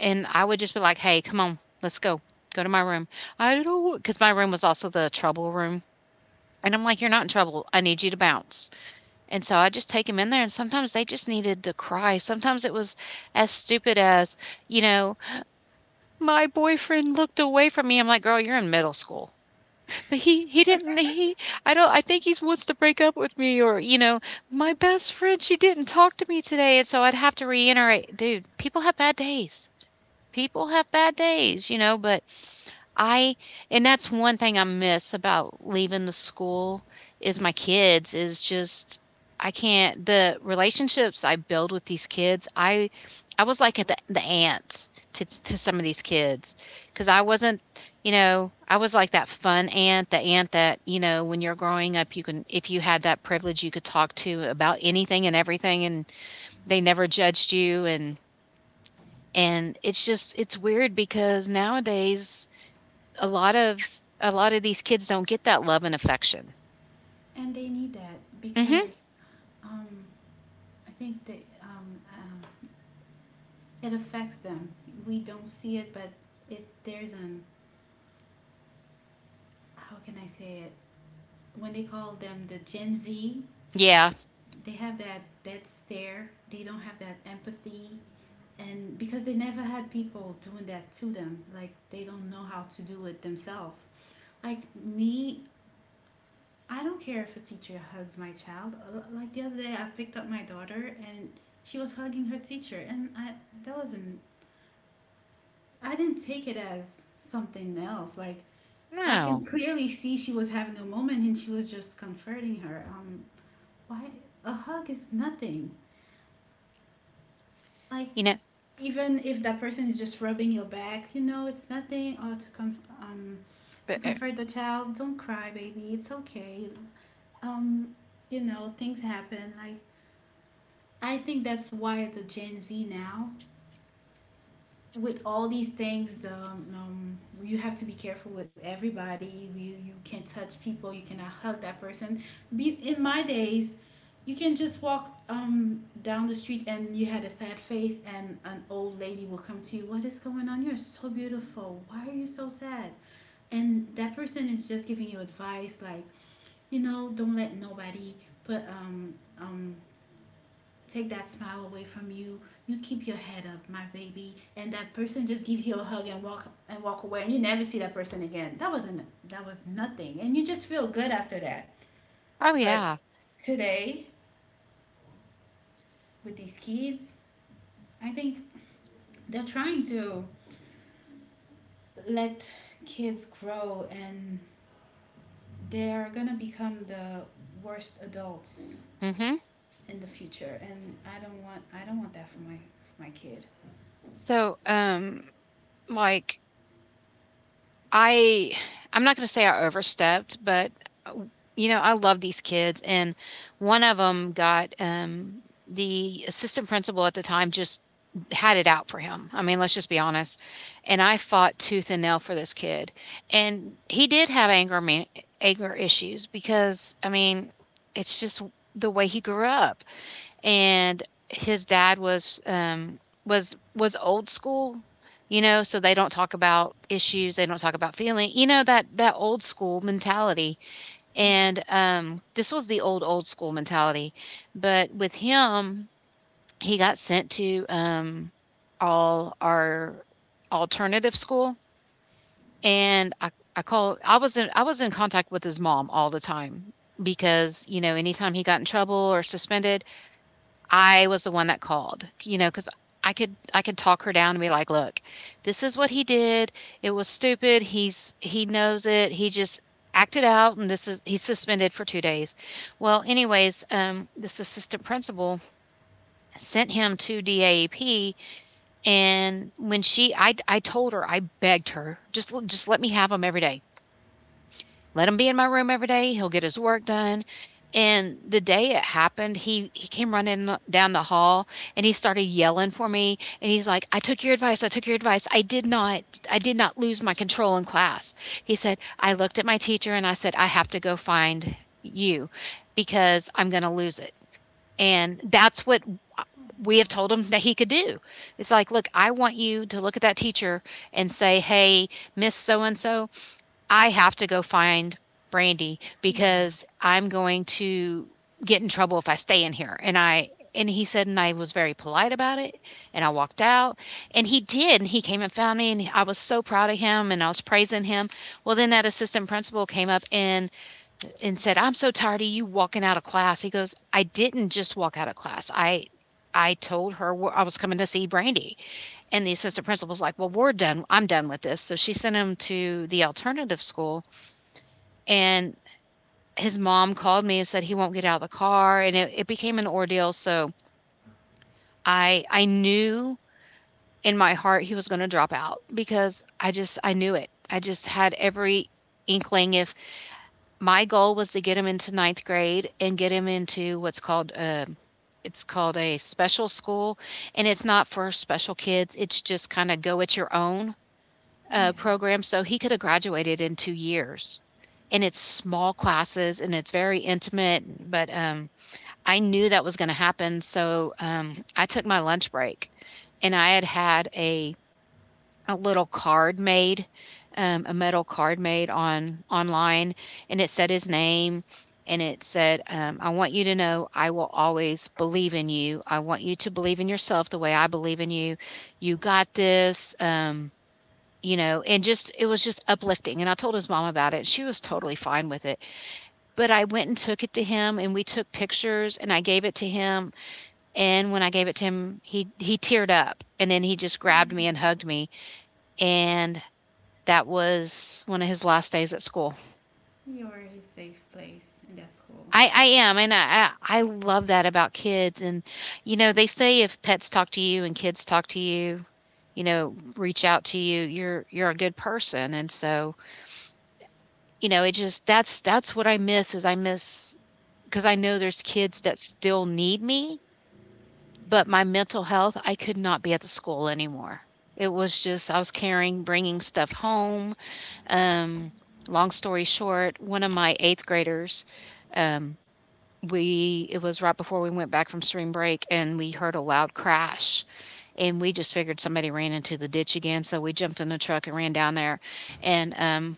Speaker 1: And I would just be like, "Hey, come on, let's go. Go to my room." I don't, because my room was also the trouble room. And I'm like, "You're not in trouble. I need you to bounce." And so I just take them in there, and sometimes they just needed to cry. Sometimes it was as stupid as, you know, "My boyfriend looked away from me." I'm like, "Girl, you're in middle school." "But he I don't I think he wants to break up with me," or, "My best friend, she didn't talk to me today." And so I'd have to reiterate, "Dude, people have bad days." People have bad days, but I and that's one thing I miss about leaving the school is my kids is just I can't the relationships I build with these kids. I was like the aunt to some of these kids, cuz I wasn't, I was like that fun aunt, the aunt that, when you're growing up you can, if you had that privilege, you could talk to about anything and everything, and they never judged you. And it's just it's weird because nowadays a lot of a lot of these kids don't get that love and affection.
Speaker 2: And they need that
Speaker 1: Mhm.
Speaker 2: because um, I think that it affects them. We don't see it, but it there's an, how can I say it? When they call them the Gen Z,
Speaker 1: Yeah.
Speaker 2: they have that stare. They don't have that empathy, and because they never had people doing that to them, like, they don't know how to do it themselves, like me. I don't care if a teacher hugs my child. Like the other day, I picked up my daughter and she was hugging her teacher, and I, that wasn't, I didn't take it as something else. Like, I can
Speaker 1: No.
Speaker 2: clearly see she was having a moment and she was just comforting her. Why? A hug is nothing, like,
Speaker 1: You know,
Speaker 2: even if that person is just rubbing your back, it's nothing, or to to
Speaker 1: but,
Speaker 2: comfort the child. Don't cry, baby, it's okay. um you know, things happen, like, I think that's why the Gen Z now, with all these things, you have to be careful with everybody. You can't touch people. You cannot hug that person. Be in my days, you can just walk down the street, and you had a sad face and an old lady will come to you. What is going on? You're so beautiful. Why are you so sad? And that person is just giving you advice, like, don't let nobody put um take that smile away from you. You keep your head up, my baby. And that person just gives you a hug and walk away, and you never see that person again. That wasn't, that was nothing, and you just feel good after that.
Speaker 1: oh
Speaker 2: But
Speaker 1: yeah.
Speaker 2: today, with these kids, I think they're trying to let kids grow, and they're gonna become the worst adults
Speaker 1: Mhm.
Speaker 2: in the future. And I don't want that for my kid.
Speaker 1: So, like, I I'm not going to say I overstepped, but uh, I love these kids, and one of them got the assistant principal at the time just had it out for him. I mean, let's just be honest. And I fought tooth and nail for this kid. And he did have anger issues, because I mean, it's just the way he grew up, and his dad was was old school, you know. So they don't talk about issues, they don't talk about feeling, you know, that that old school mentality.
Speaker 2: Yeah.
Speaker 1: And this was the old old school mentality, but with him, he got sent to all our alternative school, and I was in contact with his mom all the time because, you know, anytime he got in trouble or suspended, I was the one that called, you know, because I could talk her down and be like, "Look, this is what he did. It was stupid. He knows it. He just acted out, and this is he's suspended for 2 days." Well, anyways, um, this assistant principal sent him to DAEP, and when she I told her, I begged her, just let me have him every day. Let him be in my room every day. He'll get his work done." And the day it happened, he came running down the hall and he started yelling for me. And he's like, "I took your advice. I took your advice. I did not lose my control in class." He said, "I looked at my teacher and I said, I have to go find you because I'm going to lose it." And that's what we have told him that he could do. It's like, look, I want you to look at that teacher and say, hey, Miss So and so, I have to go find Brandy
Speaker 2: Yeah.
Speaker 1: because I'm going to get in trouble if I stay in here. And I and he said, and I was very polite about it. And I walked out, and he did. And he came and found me, and I was so proud of him, and I was praising him. Well, then that assistant principal came up and said, "I'm so tired of you walking out of class." He goes, "I didn't just walk out of class. I." I told her I was coming to see Brandy, and the assistant principal's like, "Well, we're done. I'm done with this." So she sent him to the alternative school, and his mom called me and said he won't get out of the car, and it became an ordeal, so I knew in my heart he was going to drop out, because I knew it. I just had every inkling. If My goal was to get him into ninth grade and get him into what's called it's called a special school, and it's not for special kids. It's just kind of go at your own
Speaker 2: Yeah.
Speaker 1: program, so he could have graduated in 2 years, and it's small classes, and it's very intimate. But I knew that was gonna happen, so, I took my lunch break, and I had had a little card made, a metal card made on online, and it said his name, and it said, "I want you to know I will always believe in you. I want you to believe in yourself the way I believe in you. You got this," and just it was just uplifting. And I told his mom about it, and she was totally fine with it, but I went and took it to him, and we took pictures, and I gave it to him. And when I gave it to him, he teared up, and then he just grabbed me
Speaker 2: Yeah.
Speaker 1: and hugged me. And that was one of his last days at school.
Speaker 2: You're a safe place, and that's cool.
Speaker 1: I am, and I love that about kids. And they say if pets talk to you and kids talk to you, reach out to you, you're a good person. And so, it just that's what I miss, is I miss, because I know there's kids that still need me. But my
Speaker 2: Yeah.
Speaker 1: mental health, I could not be at the school anymore. It was just I was carrying, bringing stuff home. Um, Long story short, one of my eighth graders, um, we it was right before we went back from spring break, and we heard a loud crash, and we just figured somebody ran into the ditch again. So we jumped in the truck and ran down there, and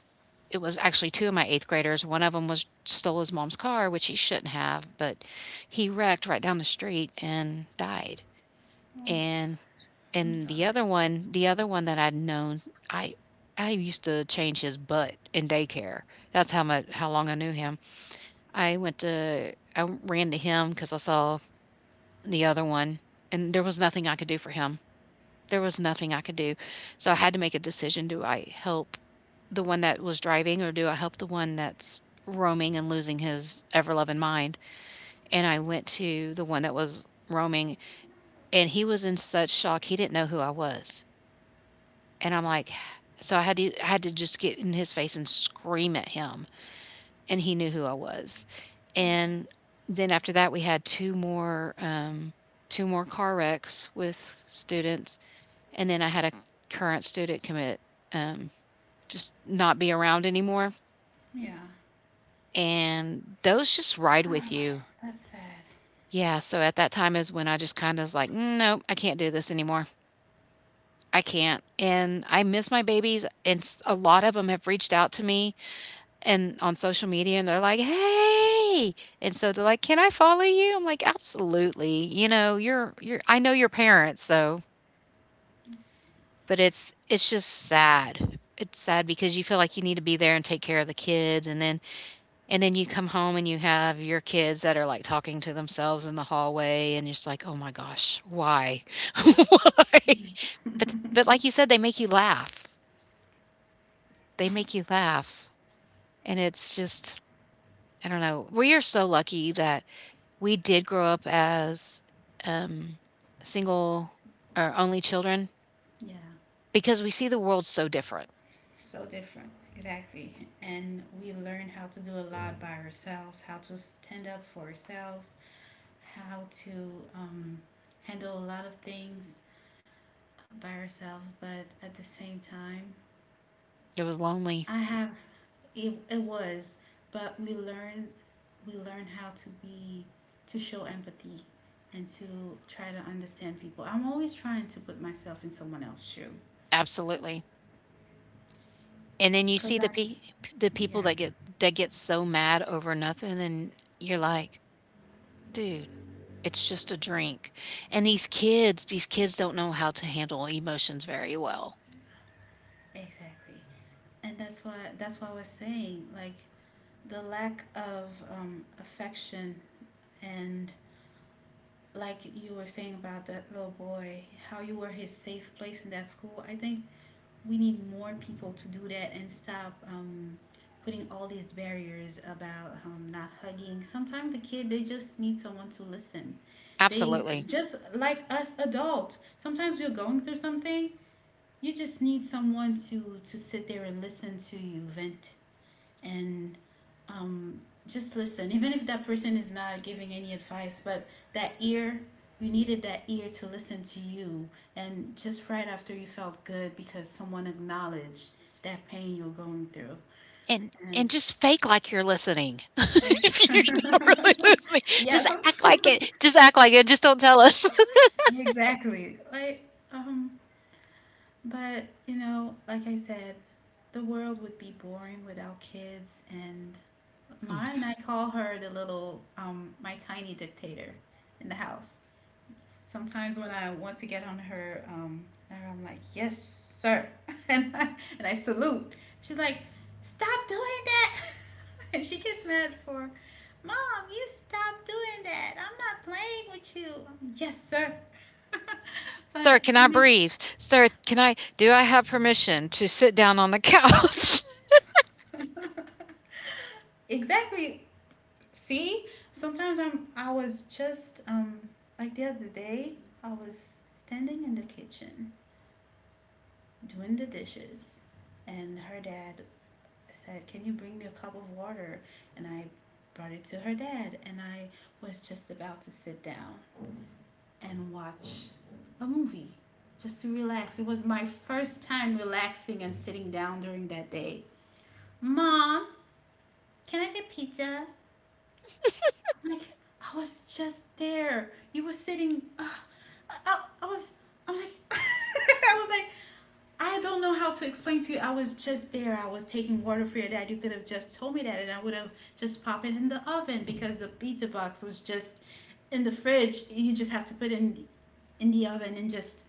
Speaker 1: it was actually two of my eighth graders. One of them was stole his mom's car, which he shouldn't have, but he wrecked right down the street and died.
Speaker 2: Oh my.
Speaker 1: And
Speaker 2: I'm
Speaker 1: and the
Speaker 2: sorry.
Speaker 1: other one the other one that I'd known, I I used to change his butt in daycare. That's how much how long I knew him. I ran to him because I saw the other one, and there was nothing I could do for him. There was nothing I could do, so I had to make a decision: Do I help the one that was driving, or do I help the one that's roaming and losing his ever loving mind? And I went to the one that was roaming, and he was in such shock he didn't know who I was. And I'm like, so I had to just get in his face and scream at him, and he knew who I was.
Speaker 2: Okay.
Speaker 1: And then after that, we had 2 more car wrecks with students, and then I had a current student commit, um, just not be around anymore,
Speaker 2: Yeah.
Speaker 1: and those just ride
Speaker 2: Oh,
Speaker 1: with you.
Speaker 2: that's sad.
Speaker 1: Yeah, so at that time is when I just kinda was like, "Mm, nope, I can't do this anymore. I can't." And I miss my babies, and s a lot of them have reached out to me. And on social media, and they're like, "Hey!" And so they're like, "Can I follow you?" I'm like, "Absolutely." You know, you're I know your parents, so. But it's just sad. It's sad because you feel like you need to be there and take care of the kids, and then you come home and you have your kids that are, like, talking to themselves in the hallway, and you're just like, "Oh my gosh, why? Why?" But like you said, they make you laugh. They make you laugh, and it's just, I don't know. We are so lucky that we did grow up as, um, single or only children,
Speaker 2: Yeah.
Speaker 1: because we see the world so different.
Speaker 2: So different. Exactly. And we learn how to do a lot by ourselves, how to stand up for ourselves, how to um, handle a lot of things by ourselves, but at the same time,
Speaker 1: It was
Speaker 2: I
Speaker 1: lonely,
Speaker 2: have. It was, but we learned how to be, to show empathy and to try to understand people. I'm always trying to put myself in someone else's shoe.
Speaker 1: absolutely, and then you
Speaker 2: Cause
Speaker 1: see
Speaker 2: I,
Speaker 1: the
Speaker 2: yeah,
Speaker 1: people that get so mad over nothing, and you're like, "Dude, it's just a drink," and these
Speaker 2: ex-
Speaker 1: kids these kids don't know how to handle emotions very well.
Speaker 2: exactly, and that's why I was saying, like, the lack of affection, and like you were saying about that little boy, how you were his safe place in that school. I think we need more people to do that and stop putting all these barriers about not hugging. Sometimes the kid, they just need someone to listen. They,
Speaker 1: Absolutely,
Speaker 2: just like us adult. Sometimes you're going through something, you just need someone to sit there and listen to you vent, and um, just listen, even if that person is not giving any advice, but that ear, you needed that ear to listen to you. And just right after, you felt good because someone acknowledged that pain you're going through.
Speaker 1: and
Speaker 2: And
Speaker 1: and just fake like you're listening. If you're not really listening,
Speaker 2: yeah,
Speaker 1: just act like it. Just act like it. Just don't tell us.
Speaker 2: exactly. Like, um, but you know, like I said, the world would be boring without kids. And
Speaker 1: Oh my
Speaker 2: mine, I
Speaker 1: god.
Speaker 2: call her the little, my tiny dictator in the house. Sometimes when I want to get on her, I'm like, yes, sir. And I salute. She's like, stop doing that. And she gets mad for, mom, you stop doing that, I'm not playing with you. I'm like, yes, sir. But
Speaker 1: Sir, can
Speaker 2: it
Speaker 1: I
Speaker 2: makes
Speaker 1: breathe? Sir, can I do I have permission to sit down on the couch?
Speaker 2: exactly. See, sometimes I was just like the other day, I was standing in the kitchen doing the dishes, and her dad said, can you bring me a cup of water? And I brought it to her dad, and I was just about to sit down and watch a movie, just to relax. It was my first time relaxing and sitting down during that day. Mom, can I get pizza? I'm like, I was just there. You were sitting. I was. I'm like. I was like, I don't know how to explain to you. I was just there. I was taking water for your dad. You could have just told me that, and I would have just popped it in the oven, because the pizza box was just in the fridge. You just have to put it in the oven and just.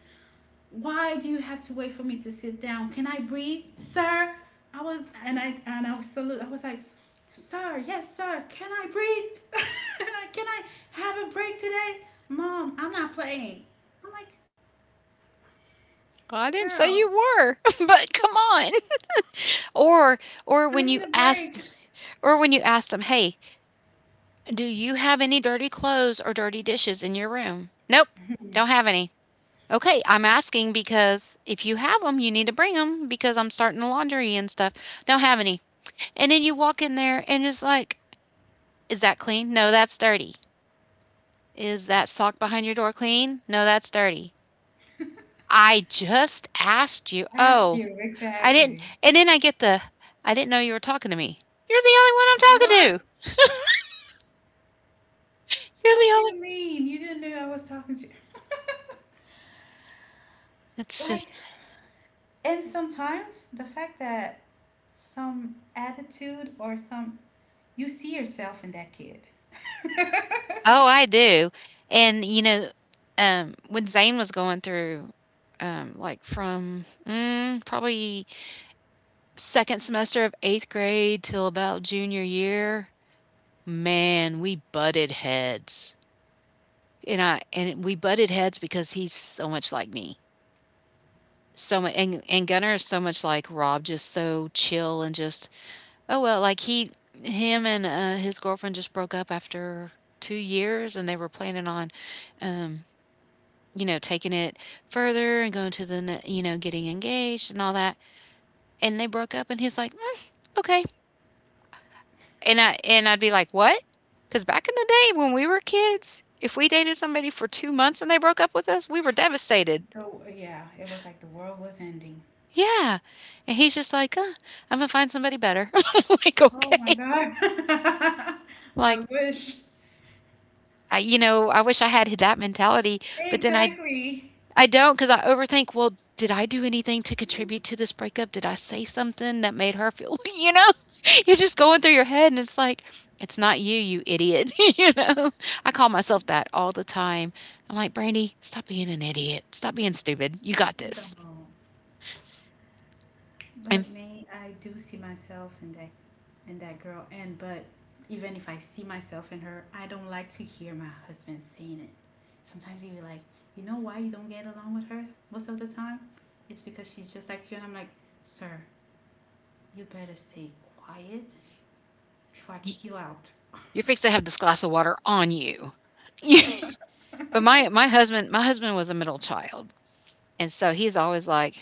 Speaker 2: Why do you have to wait for me to sit down? Can I breathe, sir? I was, and I was salute. I was like, sir, yes, sir. Can I breathe? Can I have a break today, mom? I'm not playing. I'm like,
Speaker 1: Well, I didn't say
Speaker 2: girl,
Speaker 1: you were, but come on. Or or
Speaker 2: I
Speaker 1: when
Speaker 2: need a
Speaker 1: you
Speaker 2: break.
Speaker 1: asked or when you asked them, "Hey, do you have any dirty clothes or dirty dishes in your room?" Nope. Don't have any. Okay, I'm asking because if you have them, you need to bring them, because I'm starting the laundry and stuff. Don't have any. And then you walk in there and it's like, "Is that clean?" No, that's dirty. Is that sock behind your door clean? No, that's dirty. I just asked you.
Speaker 2: Asked
Speaker 1: Oh,
Speaker 2: you,
Speaker 1: I didn't.
Speaker 2: exactly.
Speaker 1: And then I get the, "I didn't know you were talking to me." You're the only one
Speaker 2: What?
Speaker 1: I'm talking to. You're
Speaker 2: What
Speaker 1: the
Speaker 2: do
Speaker 1: only.
Speaker 2: you mean? You didn't know I was talking to you.
Speaker 1: It's
Speaker 2: Like,
Speaker 1: just,
Speaker 2: and sometimes the fact that some attitude or some, you see yourself in that kid.
Speaker 1: oh, I do. And, you know, when Zane was going through, like from probably second semester of eighth grade till about junior year, man, we butted heads. And we butted heads because he's so much like me. So mu and Gunnar is so much like Rob, just so chill and just, "Oh, well," like he him and, his girlfriend just broke up after 2 years, and they were planning on, um, you know, taking it further and going to the ne you know, getting engaged and all that. And they broke up, and he's like, "Mm, okay." And I'd be like, what? Because back in the day, when we were kids, if we dated somebody for 2 months and they broke up with us, we were devastated.
Speaker 2: So, yeah, it was like the world was ending.
Speaker 1: Yeah, and he's just like, I'm gonna find somebody better." I'm like,
Speaker 2: Oh my
Speaker 1: "Okay."
Speaker 2: God. I
Speaker 1: Like,
Speaker 2: wish.
Speaker 1: I wish I had that mentality, but then I
Speaker 2: Exactly.
Speaker 1: I don't. Not cause I overthink, "Well, did I do anything to contribute to this breakup? Did I say something that made her feel," you know? You're just going through your head and it's like, "It's not you, you idiot," you know? I call myself that all the time. I'm like, "Brandy, stop being an idiot. Stop being stupid. You got this.
Speaker 2: Don't. But
Speaker 1: And
Speaker 2: me, I do see myself in that girl, and, but even if I see myself in her, I don't like to hear my husband saying it. Sometimes he'd be like, you know why you don't get along with her most of the time? It's because she's just like you. And I'm like, sir, you better stay quiet before I
Speaker 1: y
Speaker 2: kick you out.
Speaker 1: you're fixed to have this glass of water on you." But my husband was a middle child, and so he's always like,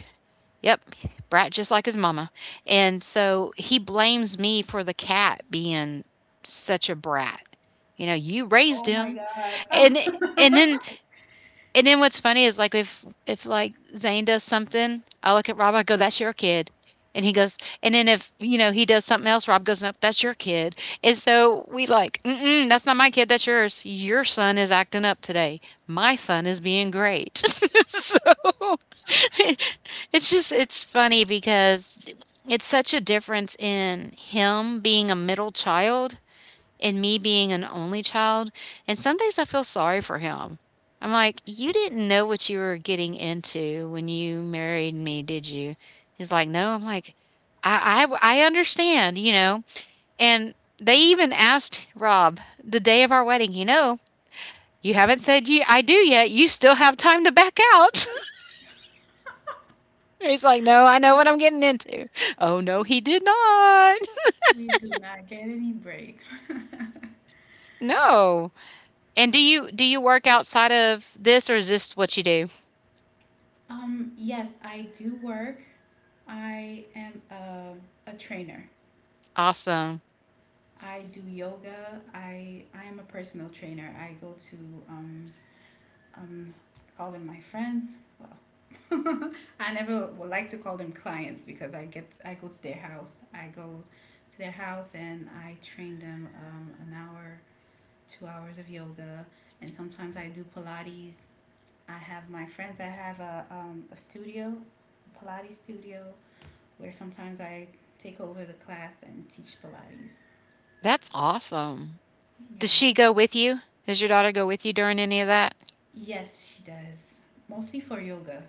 Speaker 1: "Yep, brat just like his mama," and so he blames me for the cat being such a brat. You know, you raised
Speaker 2: Oh my
Speaker 1: him,
Speaker 2: God.
Speaker 1: and and then what's funny is, like, if like Zane does something, I look at Rob, I go, "That's your kid," and he goes, and then, if you know, he does something else, Rob goes, "No, that's your kid." And so we like, mm-mm, "That's not my kid, that's yours. Your son is acting up today. My son is being great." So it's funny because it's such a difference in him being a middle child and me being an only child. And some days I feel sorry for him. I'm like, you didn't know what you were getting into when you married me, did you? He's like, no. I'm like, I understand, you know. And they even asked Rob the day of our wedding, "You know, you haven't said you I do yet. You still have time to back out." He's like, "No, I know what I'm getting into." Oh no,
Speaker 2: We
Speaker 1: he did not.
Speaker 2: we do not get any breaks.
Speaker 1: No. And do you work outside of this, or is this what you do?
Speaker 2: Yes, I do work. I am a trainer.
Speaker 1: Awesome.
Speaker 2: I do yoga. I am a personal trainer. I go to um um call them my friends. Well, I never would like to call them clients, because I go to their house. I go to their house and I train them an hour, 2 hours of yoga, and sometimes I do Pilates. I have my friends. I have a studio, a Pilates studio, where sometimes I take over the class and teach Pilates.
Speaker 1: That's awesome. Does
Speaker 2: Yeah.
Speaker 1: she go with you? Does your daughter go with you during any of that?
Speaker 2: Yes, she does. Mostly for yoga.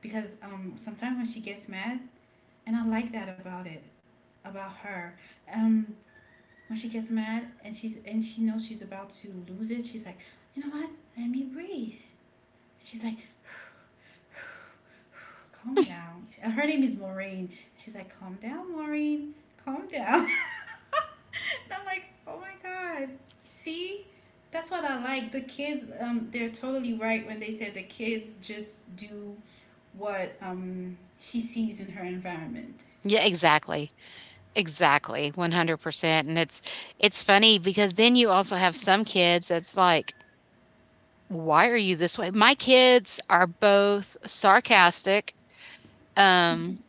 Speaker 2: Because sometimes when she gets mad, and I like that about it, about her. Um when she gets mad and she knows she's about to lose it, she's like, you know what? Let me breathe. She's like, calm down. Her name is Maureen. She's like, calm down, Maureen. Calm down. And I'm like, oh my god. See? That's what I like. The kids, they're totally right when they said the kids just do what, she sees in her environment.
Speaker 1: Yeah, exactly. Exactly, 100%, and it's funny because then you also have some kids that's like, "Why are you this way?" My kids are both sarcastic, um,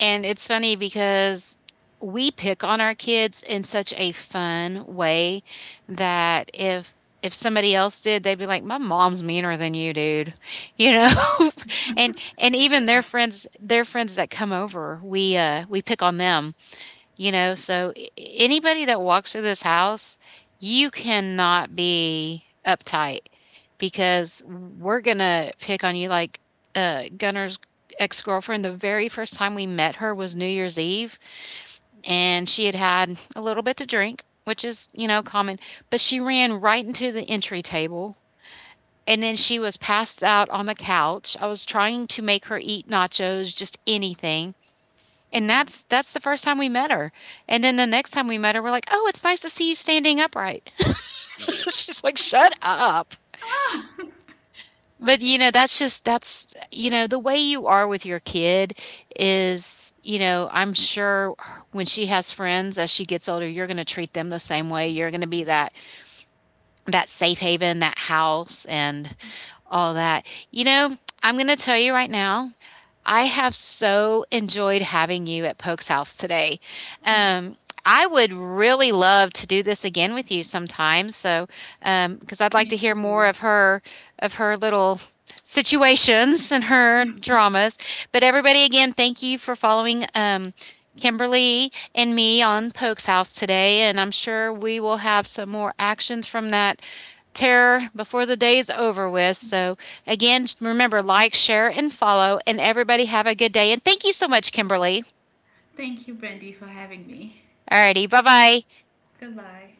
Speaker 1: and it's funny because we pick on our kids in such a fun way that if somebody else did, they'd be like, "My mom's meaner than you, dude." You know? And even
Speaker 2: Yes.
Speaker 1: their friends that come over, we we pick on them, you know, so a anybody that walks through this house, you cannot be uptight, because we're gonna pick on you. Like, Gunnar's ex-girlfriend, the very first time we met her was New Year's Eve, and she had had a little bit to drink, which is, you know, common, but she ran right into the entry table, and then she was passed out on the couch. I was trying to make her eat nachos, just anything, and
Speaker 2: Yeah.
Speaker 1: that's the first time we met her, and then the next time we met her, we're like, "Oh, it's nice to see you standing upright." She's like, "Shut up."
Speaker 2: Ah!
Speaker 1: But, you know, that's just, that's, you know, the way you are with your kid is, you know, I'm sure when she has friends as she gets older, you're gonna treat them the same way. You're gonna be that safe haven, that house, and all that. You know, I'm gonna tell you right now, I have so enjoyed having you at Poke's house today.
Speaker 2: me,
Speaker 1: Um, I would really love to do this again with you sometime. So, because I'd like
Speaker 2: me
Speaker 1: to hear more
Speaker 2: too.
Speaker 1: of her little situations and her dramas. But everybody, again, thank you for following Kimberly and me on Poke's house today, and I'm sure we will have some more actions from that terror before the day is over with. So, again, remember: like, share, and follow. And everybody have a good day. And thank you so much, Kimberly.
Speaker 2: Thank you, Brandy, for having me.
Speaker 1: Alrighty, bye bye.
Speaker 2: Goodbye.